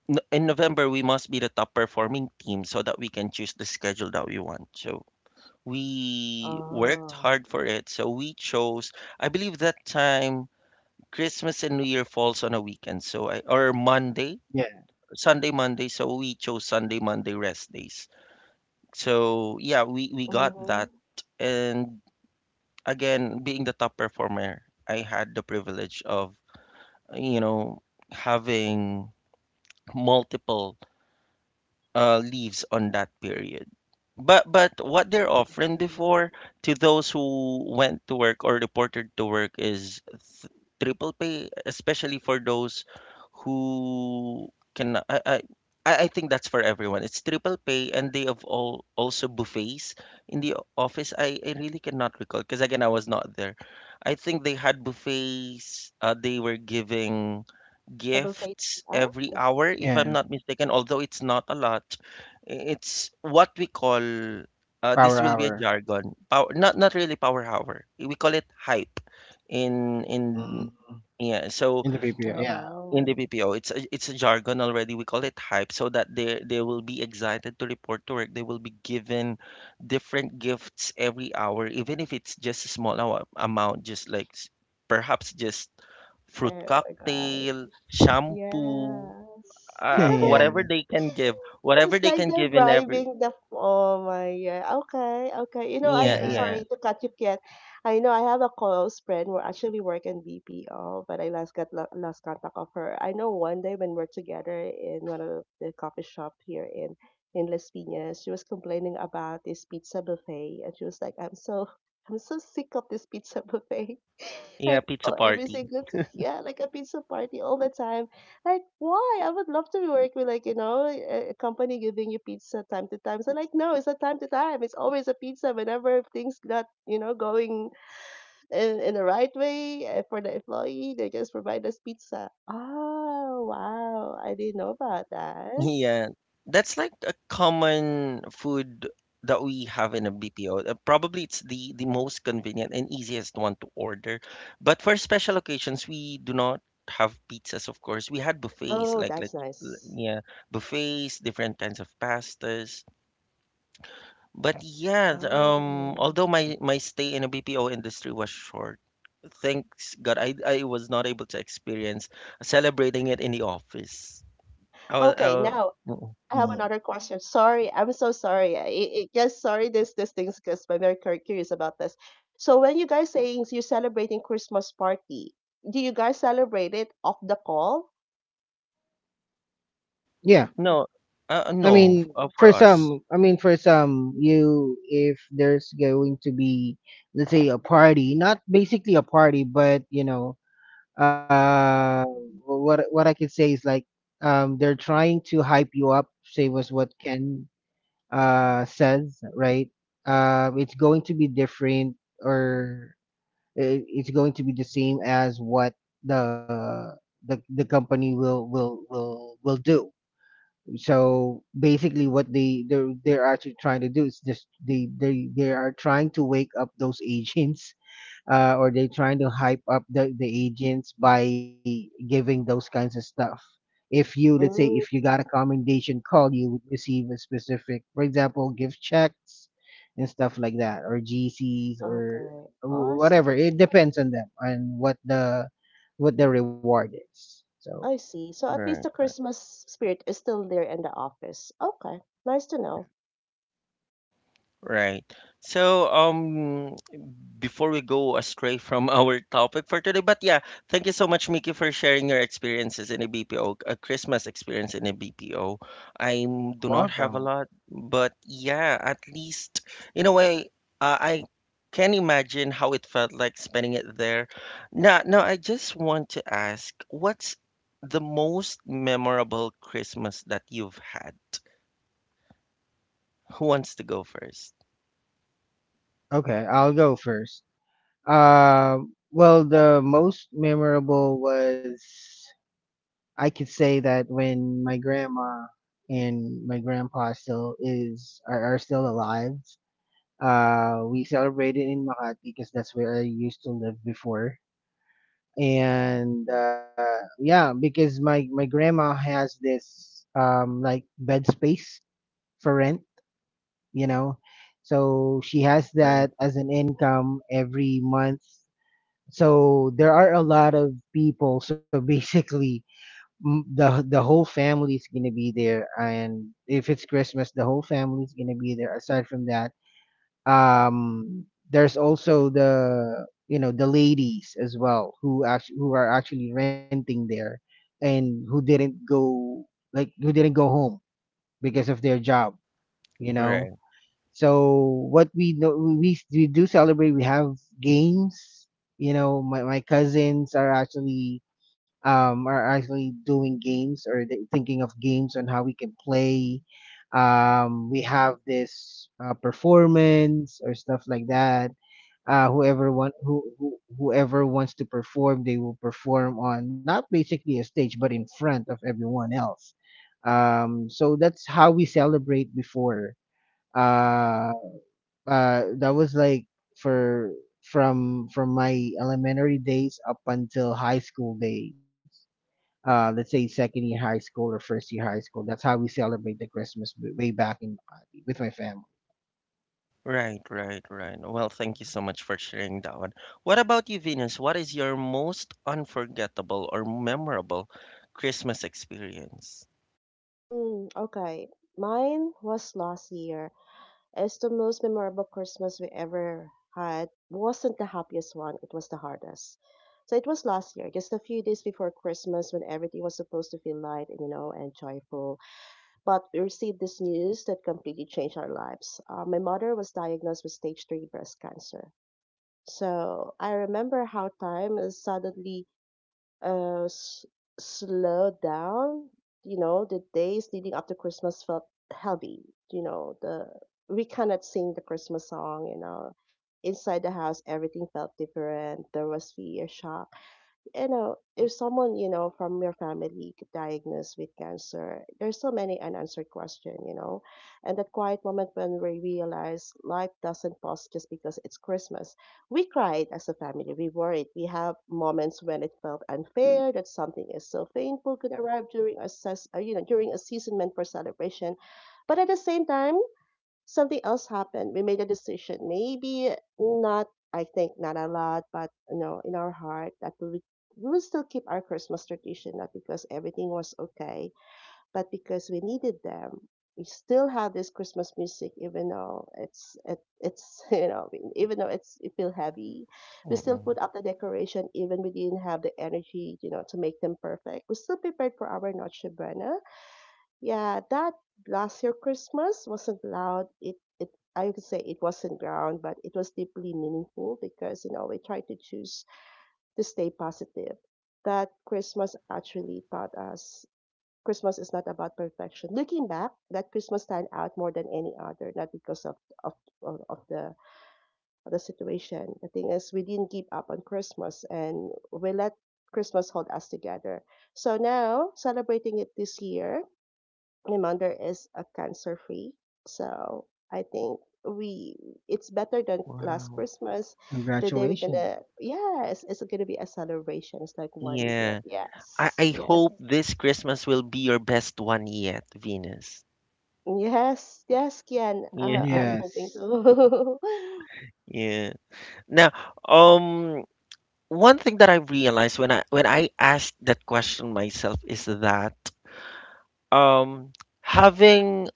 S1: in November we must be the top performing team so that we can choose the schedule that we want. So we worked
S2: Oh,
S1: hard for it. So we chose, I believe that time Christmas and New Year falls on a weekend, so I or Monday,
S3: Yeah,
S1: Sunday, Monday, so we chose Sunday, Monday rest days. So yeah, we got
S2: mm-hmm.
S1: that. And again, being the top performer, I had the privilege of, you know, having multiple leaves on that period. But what they're
S2: I
S1: offering
S2: see.
S1: before to those who went to work or reported to work is triple pay, especially for those who can. I think that's for everyone. It's triple pay, and they have all also buffets in the office. I really cannot recall because again I was not there. I think they had buffets. They were giving
S2: Double face.
S1: gifts every
S2: Oh,
S1: hour, if
S3: yeah,
S1: I'm not mistaken, although it's not a lot. It's what we call,
S3: power
S1: this will be a
S3: hour.
S1: jargon, power, not not really power hour. We call it hype in
S3: Mm,
S1: yeah,
S3: in the
S1: so
S3: PPO, yeah,
S2: oh
S1: in the
S2: wow.
S1: BPO, it's a jargon already. We call it hype, so that they will be excited to report to work. They will be given different gifts every hour, even if it's just a small hour, amount, just like perhaps just fruit
S2: Oh my God.
S1: cocktail, shampoo,
S2: Yes.
S1: whatever
S3: yeah,
S1: they can give, whatever
S2: It's
S1: they
S2: like
S1: can
S2: they're
S1: give in every
S2: bribing the oh my god. Okay, okay. You know, I
S1: yeah
S3: yeah,
S1: yeah
S2: sorry to cut you yet. I know I have a close friend who actually work in BPO, but I last got lo- lost contact of her. I know one day when we're together in one of the coffee shop here in Las Piñas, she was complaining about this pizza buffet, and she was like, "I'm so I'm so sick of this pizza buffet."
S1: yeah,
S2: Like
S1: pizza
S2: oh, every
S1: party.
S2: single t- yeah, like a pizza party all the time like, why? I would love to work with like, you know, a company giving you pizza time to time. So like, no, it's not time to time. It's always a pizza whenever things not, you know, going in the right way for the employee, they just provide us pizza. Oh, wow. I didn't know about that.
S1: Yeah, that's like a common food that we have in a BPO. Probably it's the most convenient and easiest one to order. But for special occasions, we do not have pizzas, of course. We had buffets,
S2: Oh, that's
S1: like
S2: nice.
S1: yeah, buffets, different kinds of pastas. But yeah,
S2: Oh.
S1: although my stay in a BPO industry was short, thanks God, I was not able to experience celebrating it in the office. I
S2: Okay,
S1: was
S2: now I have
S3: mm.
S2: another question. Sorry, I'm so sorry. Yes, sorry. This things because I'm very cur- curious about this. So when you guys saying you're celebrating Christmas party, do you guys celebrate it off the call?
S3: Yeah.
S1: No,
S3: I
S1: no,
S3: mean,
S1: for
S3: for
S1: us.
S3: some, I mean, for some, you, if there's going to be, let's say, a party, not basically a party, but you know, uh, what I could say is like, they're trying to hype you up, say was what Ken says, right? It's going to be different, or it's going to be the same as what the the company will do. So basically what they're actually trying to do is just they are trying to wake up those agents, or they trying to hype up the agents by giving those kinds of stuff. If you, let's say, if you
S2: Mm,
S3: got a commendation call, you would receive a specific, for example, gift checks and stuff like that, or GCs or
S2: okay. Oh,
S3: whatever. It depends on them and what the reward is. So
S2: I see. So at least
S1: Right.
S2: the Christmas spirit is still there in the office. Okay, nice to know.
S1: Right. So, before we go astray from our topic for today, but yeah, thank you so much, Mickey, for sharing your experiences in a BPO, a Christmas experience in a BPO. I do not have a
S3: welcome.
S1: lot, but yeah, at least in a way, I can imagine how it felt like spending it there. Now, now I just want to ask, what's the most memorable Christmas that you've had? Who wants to go first?
S3: Okay, I'll go first. Well, the most memorable was, I could say, that when my grandma and my grandpa are still alive, we celebrated in Makati because that's where I used to live before. And yeah, because my grandma has this, like, bed space for rent, you know, so she has
S1: Right.
S3: that as an income every month. So there are a lot of people. So basically, the whole family is gonna be there, and if it's Christmas the whole family is gonna be there. Aside from that, um there's also, the you know the ladies as well, who actually, who are actually renting there, and who didn't go, like, who didn't go home because of their job, you know.
S1: Right.
S3: So what we know, we do celebrate. We have games. You know, my cousins are actually doing games, or they thinking of games on how we can play. We have this performance or stuff like that. Whoever wants to perform, they will perform on, not basically a stage, but in front of everyone else. So that's how we celebrate before. Um that was like, for, from my elementary days up until high school days, let's say second year high school or first year high school. That's how we celebrate the Christmas, way back in Makati with my family.
S1: Right, right, right. Well, thank you so much for sharing that one. What about you, Venus? What is your most unforgettable or memorable Christmas experience?
S2: Mm, okay. Mine was last year. As the most memorable Christmas we ever had wasn't the happiest one, it was the hardest. So it was last year, just a few days before Christmas when everything was supposed to feel light, and you know, and joyful. But we received this news that completely changed our lives. My mother was diagnosed with stage three breast cancer. So I remember how time suddenly uh, s- slow down. You know, the days leading up to Christmas felt heavy. You know, the we cannot sing the Christmas song. You know, inside the house, everything felt different. There was fear, shock, you know, if someone, you know, from your family get diagnosed with cancer, there's so many unanswered questions, you know. And that quiet moment when we realize life doesn't pause just because it's Christmas. We cried as a family, we worried. We have moments when it felt unfair that something is so painful could arrive during a you know, during a season meant for celebration. But at the same time, something else happened. We made a decision. Maybe not, I think not a lot, but you know, in our heart that we will still keep our Christmas tradition, not because everything was okay, but because we needed them. We still have this Christmas music, even though it's you know even though it's it feel heavy, we still
S1: Mm-mm.
S2: put up the decoration even we didn't have the energy you know to make them perfect. We still prepared for our Noche Buena. Yeah, that last year Christmas wasn't loud. It I could say it wasn't ground, but it was deeply meaningful because you know we tried to choose to stay positive. That Christmas actually taught us Christmas is not about perfection. Looking back, that Christmas stand out more than any other, not because of of of the of the situation. The thing is, we didn't give up on Christmas, and we let Christmas hold us together. So now celebrating it this year Limander is a cancer free. So I think we it's better than last
S1: Wow.
S2: Christmas. The day we're
S3: Congratulations.
S2: gonna yes, it's gonna be a celebration. It's like one year.
S1: Yeah. I
S2: Yes,
S1: hope this Christmas will be your best one yet, Venus.
S2: yes, Kian.
S1: Yeah,
S2: I'm hoping
S3: Yes.
S2: to.
S1: yeah. Now, um, one thing that I realized when I asked that question myself is that um having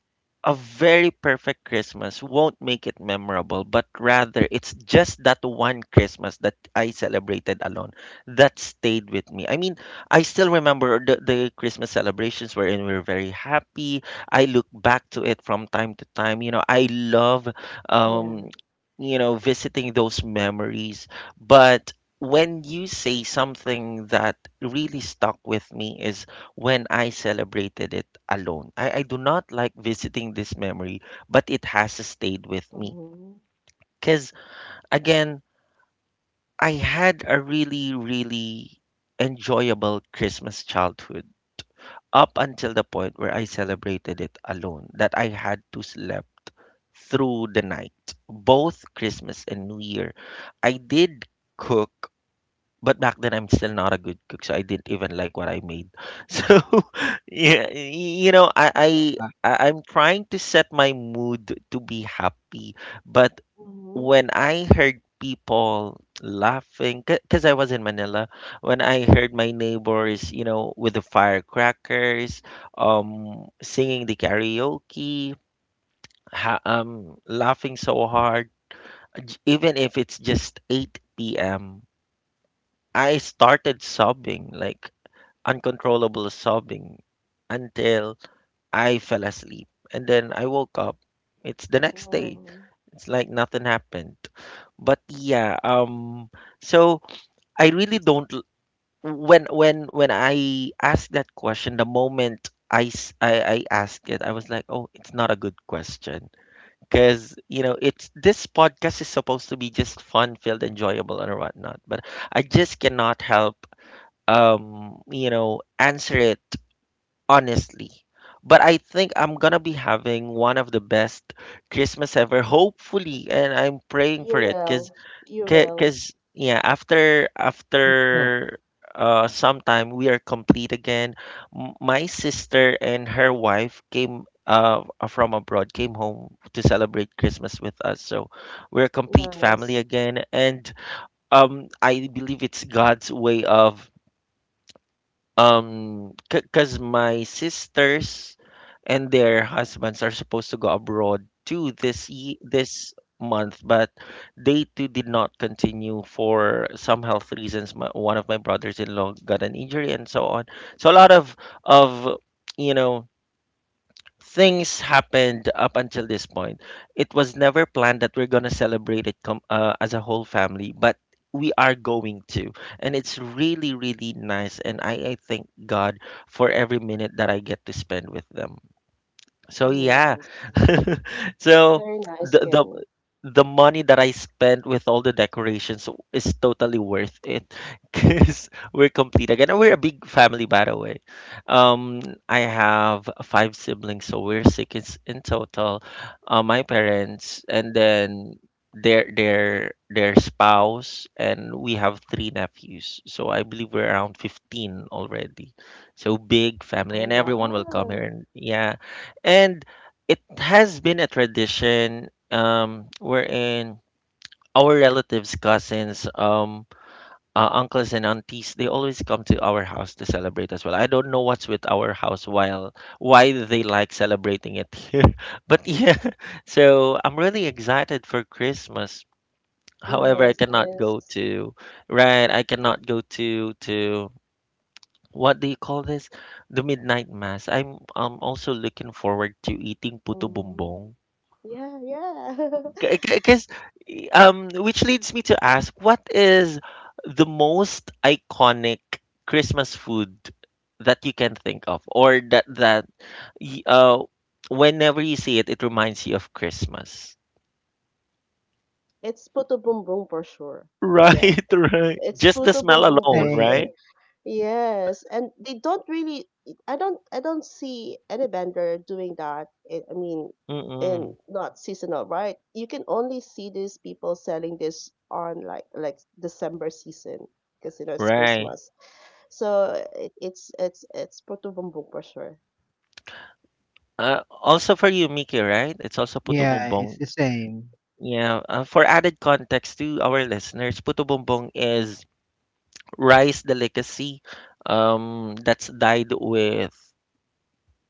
S1: a very perfect Christmas won't make it memorable, but rather it's just that one Christmas that I celebrated alone that stayed with me. I mean, I still remember the Christmas celebrations wherein we were very happy. I look back to it from time to time. You know, I love, um,
S2: Yeah.
S1: you know, visiting those memories. But when you say something that really stuck with me is when I celebrated it alone. I do not like visiting this memory, but it has stayed with me.
S2: Mm-hmm.
S1: Because again, I had a really, really enjoyable Christmas childhood up until the point where I celebrated it alone, that I had to sleep through the night, both Christmas and New Year. I did cook but back then I'm still not a good cook, so I didn't even like what I made. So yeah,
S3: Ah,
S1: I'm trying to set my mood to be happy, but
S2: Mm-hmm.
S1: when I heard people laughing because I was in Manila when I heard my neighbors you know with the firecrackers singing the karaoke laughing so hard even if it's just 8 p.m. I started sobbing like uncontrollable sobbing until I fell asleep. And then I woke up. It's the next day.
S2: Oh,
S1: It's like nothing happened. But yeah, so I really don't. When I asked that question, the moment I asked it, I was like, oh, it's not a good question. Because, you know, it's this podcast is supposed to be just fun, filled, enjoyable, and whatnot. But I just cannot help, answer it honestly. But I think I'm gonna be having one of the best Christmas ever, hopefully, and I'm praying for
S2: you
S1: it, cause,
S2: will. You will.
S1: cause yeah, after
S3: you know,
S1: after uh sometime we are complete again. My sister and her wife came from abroad, came home to celebrate Christmas with us, so we're a complete
S2: Nice.
S1: family again, and I believe it's God's way of because my sisters and their husbands are supposed to go abroad too this month, but they too did not continue for some health reasons. My, one of my brothers-in-law got an injury and so on. So a lot of of you know things happened up until this point. It was never planned that we're gonna celebrate it as a whole family, but we are going to, and it's really really nice. And I thank God for every minute that I get to spend with them. So yeah.
S2: Nice.
S1: So
S2: Very nice,
S1: the
S2: Kian.
S1: the money that I spent with all the decorations is totally worth it because we're complete again. And we're a big family, by the way. Um, I have five siblings, so we're six in total. My parents, and then their spouse, and we have three nephews. So I believe we're around 15 already. So big family,
S2: Oh
S1: and everyone will come here.
S2: wow.
S1: And yeah, and it has been a tradition wherein our relatives, cousins, uncles and aunties, they always come to our house to celebrate as well. I don't know what's with our house while why they like celebrating it here, but yeah. So I'm really excited for Christmas. However, I
S2: Nice,
S1: cannot
S2: nice.
S1: go to right. I cannot go to what do you call this? The midnight mass. I'm also looking forward to eating puto
S2: Mm-hmm.
S1: bumbong.
S2: Yeah, yeah.
S1: Because which leads me to ask, what is the most iconic Christmas food that you can think of, or that y- uh, whenever you see it, it reminds you of Christmas?
S2: It's Puto Boom Boom for sure. Yes.
S1: Right, right.
S2: It's
S1: Just the
S2: Pluto
S1: smell
S2: Boom Boom for
S1: alone,
S2: sure.
S1: right?
S3: same.
S2: Yes, and they don't really. I don't. I don't see any vendor doing that. I mean, in
S1: Mm-mm,
S2: not seasonal, right? You can only see these people selling this on like December season because you know it's
S1: right.
S2: Christmas. So it's it's Puto Boom Boom for sure.
S1: Also for you, Mickey, right? It's also puto
S3: Yeah,
S1: bumbong.
S3: it's the same.
S1: Yeah. For added context to our listeners, puto bumbong is rice delicacy, that's dyed with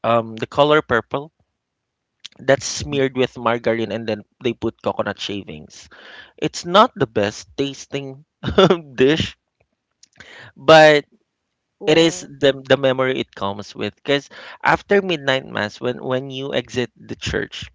S1: the color purple. That's smeared with margarine and then they put coconut shavings. It's not the best tasting dish, but it is
S2: Yeah,
S1: the memory it comes with. Because after midnight mass, when you exit the church,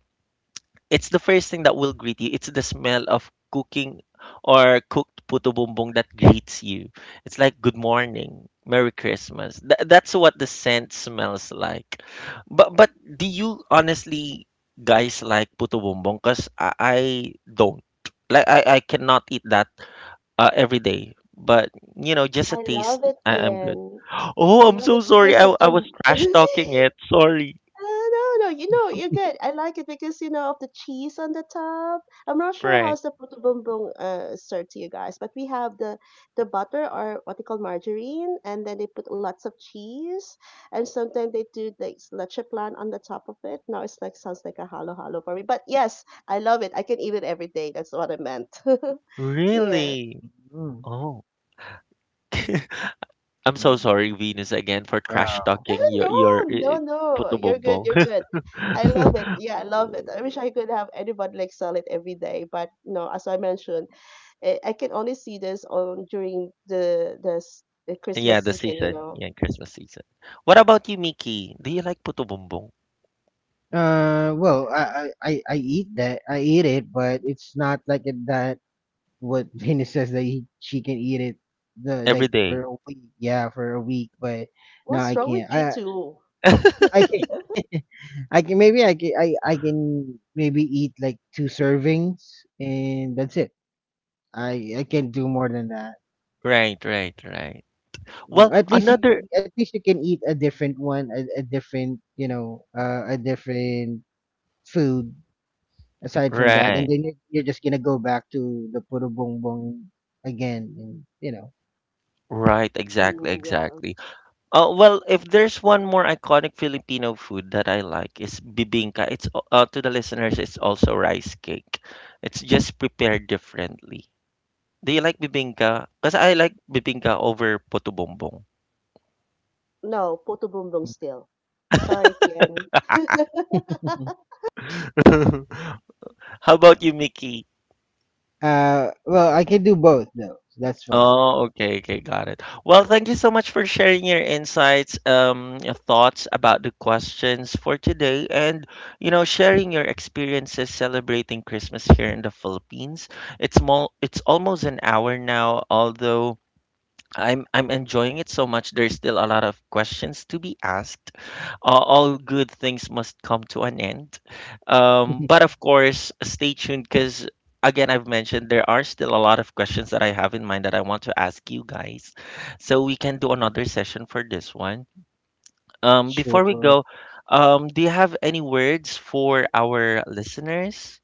S1: it's the first thing that will greet you. It's the smell of cooking or cooked puto bumbong that greets you. It's like good morning, Merry Christmas. That's what the scent smells like. But do you honestly guys like puto bumbong? Cause I don't. Like I cannot eat that every day. But you know, just a
S2: I
S1: taste,
S2: love it,
S1: I'm good.
S2: Yen.
S1: Oh,
S2: I
S1: I'm
S2: love
S1: so
S2: it
S1: sorry.
S2: because
S1: I
S2: of
S1: I was
S2: the
S1: trash talking it. Sorry.
S2: uh, no, no, you know, you're good. I like it because, you know, of the cheese on the top. I'm not sure
S1: Right.
S2: how's the puto bumbung served to you guys, but we have the butter or what they call margarine, and then they put lots of cheese, and sometimes they do like leche plan on the top of it. Now it's like sounds like a halo halo for me, but yes, I love it. I can eat it every day. That's what I meant. Yeah.
S1: Really?
S3: Mhm.
S1: Oh. I'm so
S3: Mm,
S1: sorry, Venus, again for trash
S3: wow.
S1: talking your
S2: No,
S1: your eh, eh,
S2: no.
S1: puto
S2: You're good.
S1: bongbong.
S2: You're good. I love it. Yeah, I love it. I wish I could have anybody like sell it every day, but no. As I mentioned, I can only see this on during the
S1: Yeah,
S2: Christmas
S1: the
S2: season. You
S1: season.
S2: know,
S1: Yeah, Christmas season. What about you, Mickey? Do you like puto bongbong
S3: Well, I eat that, I eat it, but it's not like it that, what Venus says, that she can eat it, the
S1: every
S3: like
S1: day?
S3: for a week. Yeah, for a week, but no,
S2: what's
S3: I
S2: wrong
S3: can't.
S2: with you
S3: I
S2: two?
S3: I can, I can maybe eat like two servings, and that's it. I can't do more than that.
S1: Right, right, right.
S3: You
S1: Well,
S3: know,
S1: another
S3: at least you can eat a different one, a different, a different food aside from that, and
S1: right,
S3: then you're just gonna go back to the puro bongbong again, and you know.
S1: right, exactly,
S2: Mm, yeah.
S1: exactly. Well, if there's one more iconic Filipino food that I like is bibingka. It's to the listeners, it's also rice cake. It's just prepared differently. Do you like bibingka? Because I like bibingka over puto bumbong.
S2: No, puto bumbong still. Sorry, Kian.
S1: How about you, Mickey?
S3: Well, I can do both though. So that's fine.
S1: Oh, okay, okay, got it. Well, thank you so much for sharing your insights, your thoughts about the questions for today, and you know, sharing your experiences celebrating Christmas here in the Philippines. It's more, it's almost an hour now, although I'm enjoying it so much. There's still a lot of questions to be asked. All good things must come to an end. But of course, stay tuned because, again, I've mentioned there are still a lot of questions that I have in mind that I want to ask you guys. So we can do another session for this one. Before we
S3: Sure.
S1: go, do you have any words for our listeners?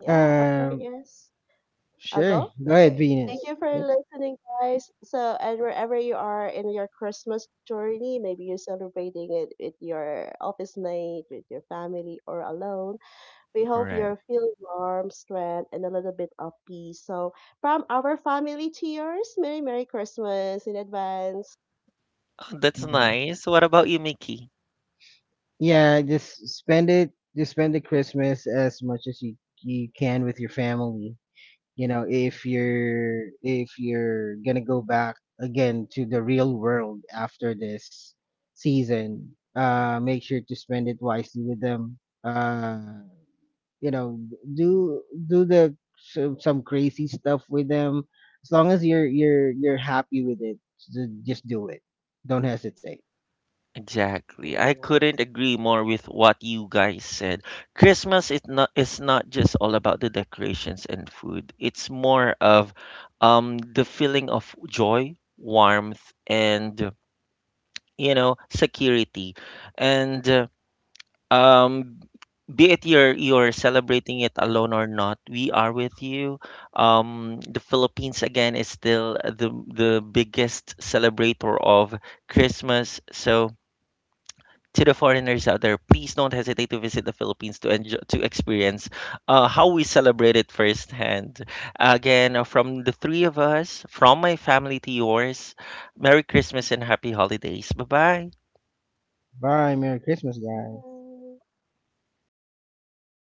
S2: Yeah. Okay.
S3: Um,
S2: Yes. I'll
S3: sure.
S2: go?
S3: Go ahead,
S2: Okay. Thank
S3: Venus.
S2: you for
S3: Yep.
S2: listening, guys. So, and wherever you are in your Christmas journey, maybe you're celebrating it with your office mate, with your family, or alone, we hope you're
S1: Right.
S2: feeling warm, strength, and a little bit of peace. So, from our family to yours, Merry, Merry Christmas in advance.
S1: Oh, that's
S3: Mhm.
S1: nice. What about you, Mickey?
S3: Yeah, just spend it. Just spend the Christmas as much as you can with your family. You know, if you're gonna go back again to the real world after this season, make sure to spend it wisely with them. Uh, you know, do do the some crazy stuff with them, as long as you're happy with it. Just do it, don't hesitate.
S1: Exactly.
S2: Oh,
S1: I couldn't
S2: nice.
S1: agree more with what you guys said. Christmas is not just all about the decorations and food. It's more of the feeling of joy, warmth and you know, security. And um be it you're celebrating it alone or not, we are with you. The Philippines again is still the biggest celebrator of Christmas. So to the foreigners out there, please don't hesitate to visit the Philippines to enjoy, to experience how we celebrate it firsthand. Again, from the three of us, from my family to yours, Merry Christmas and Happy Holidays. Bye bye.
S3: Bye, Merry Christmas, guys.
S2: Bye.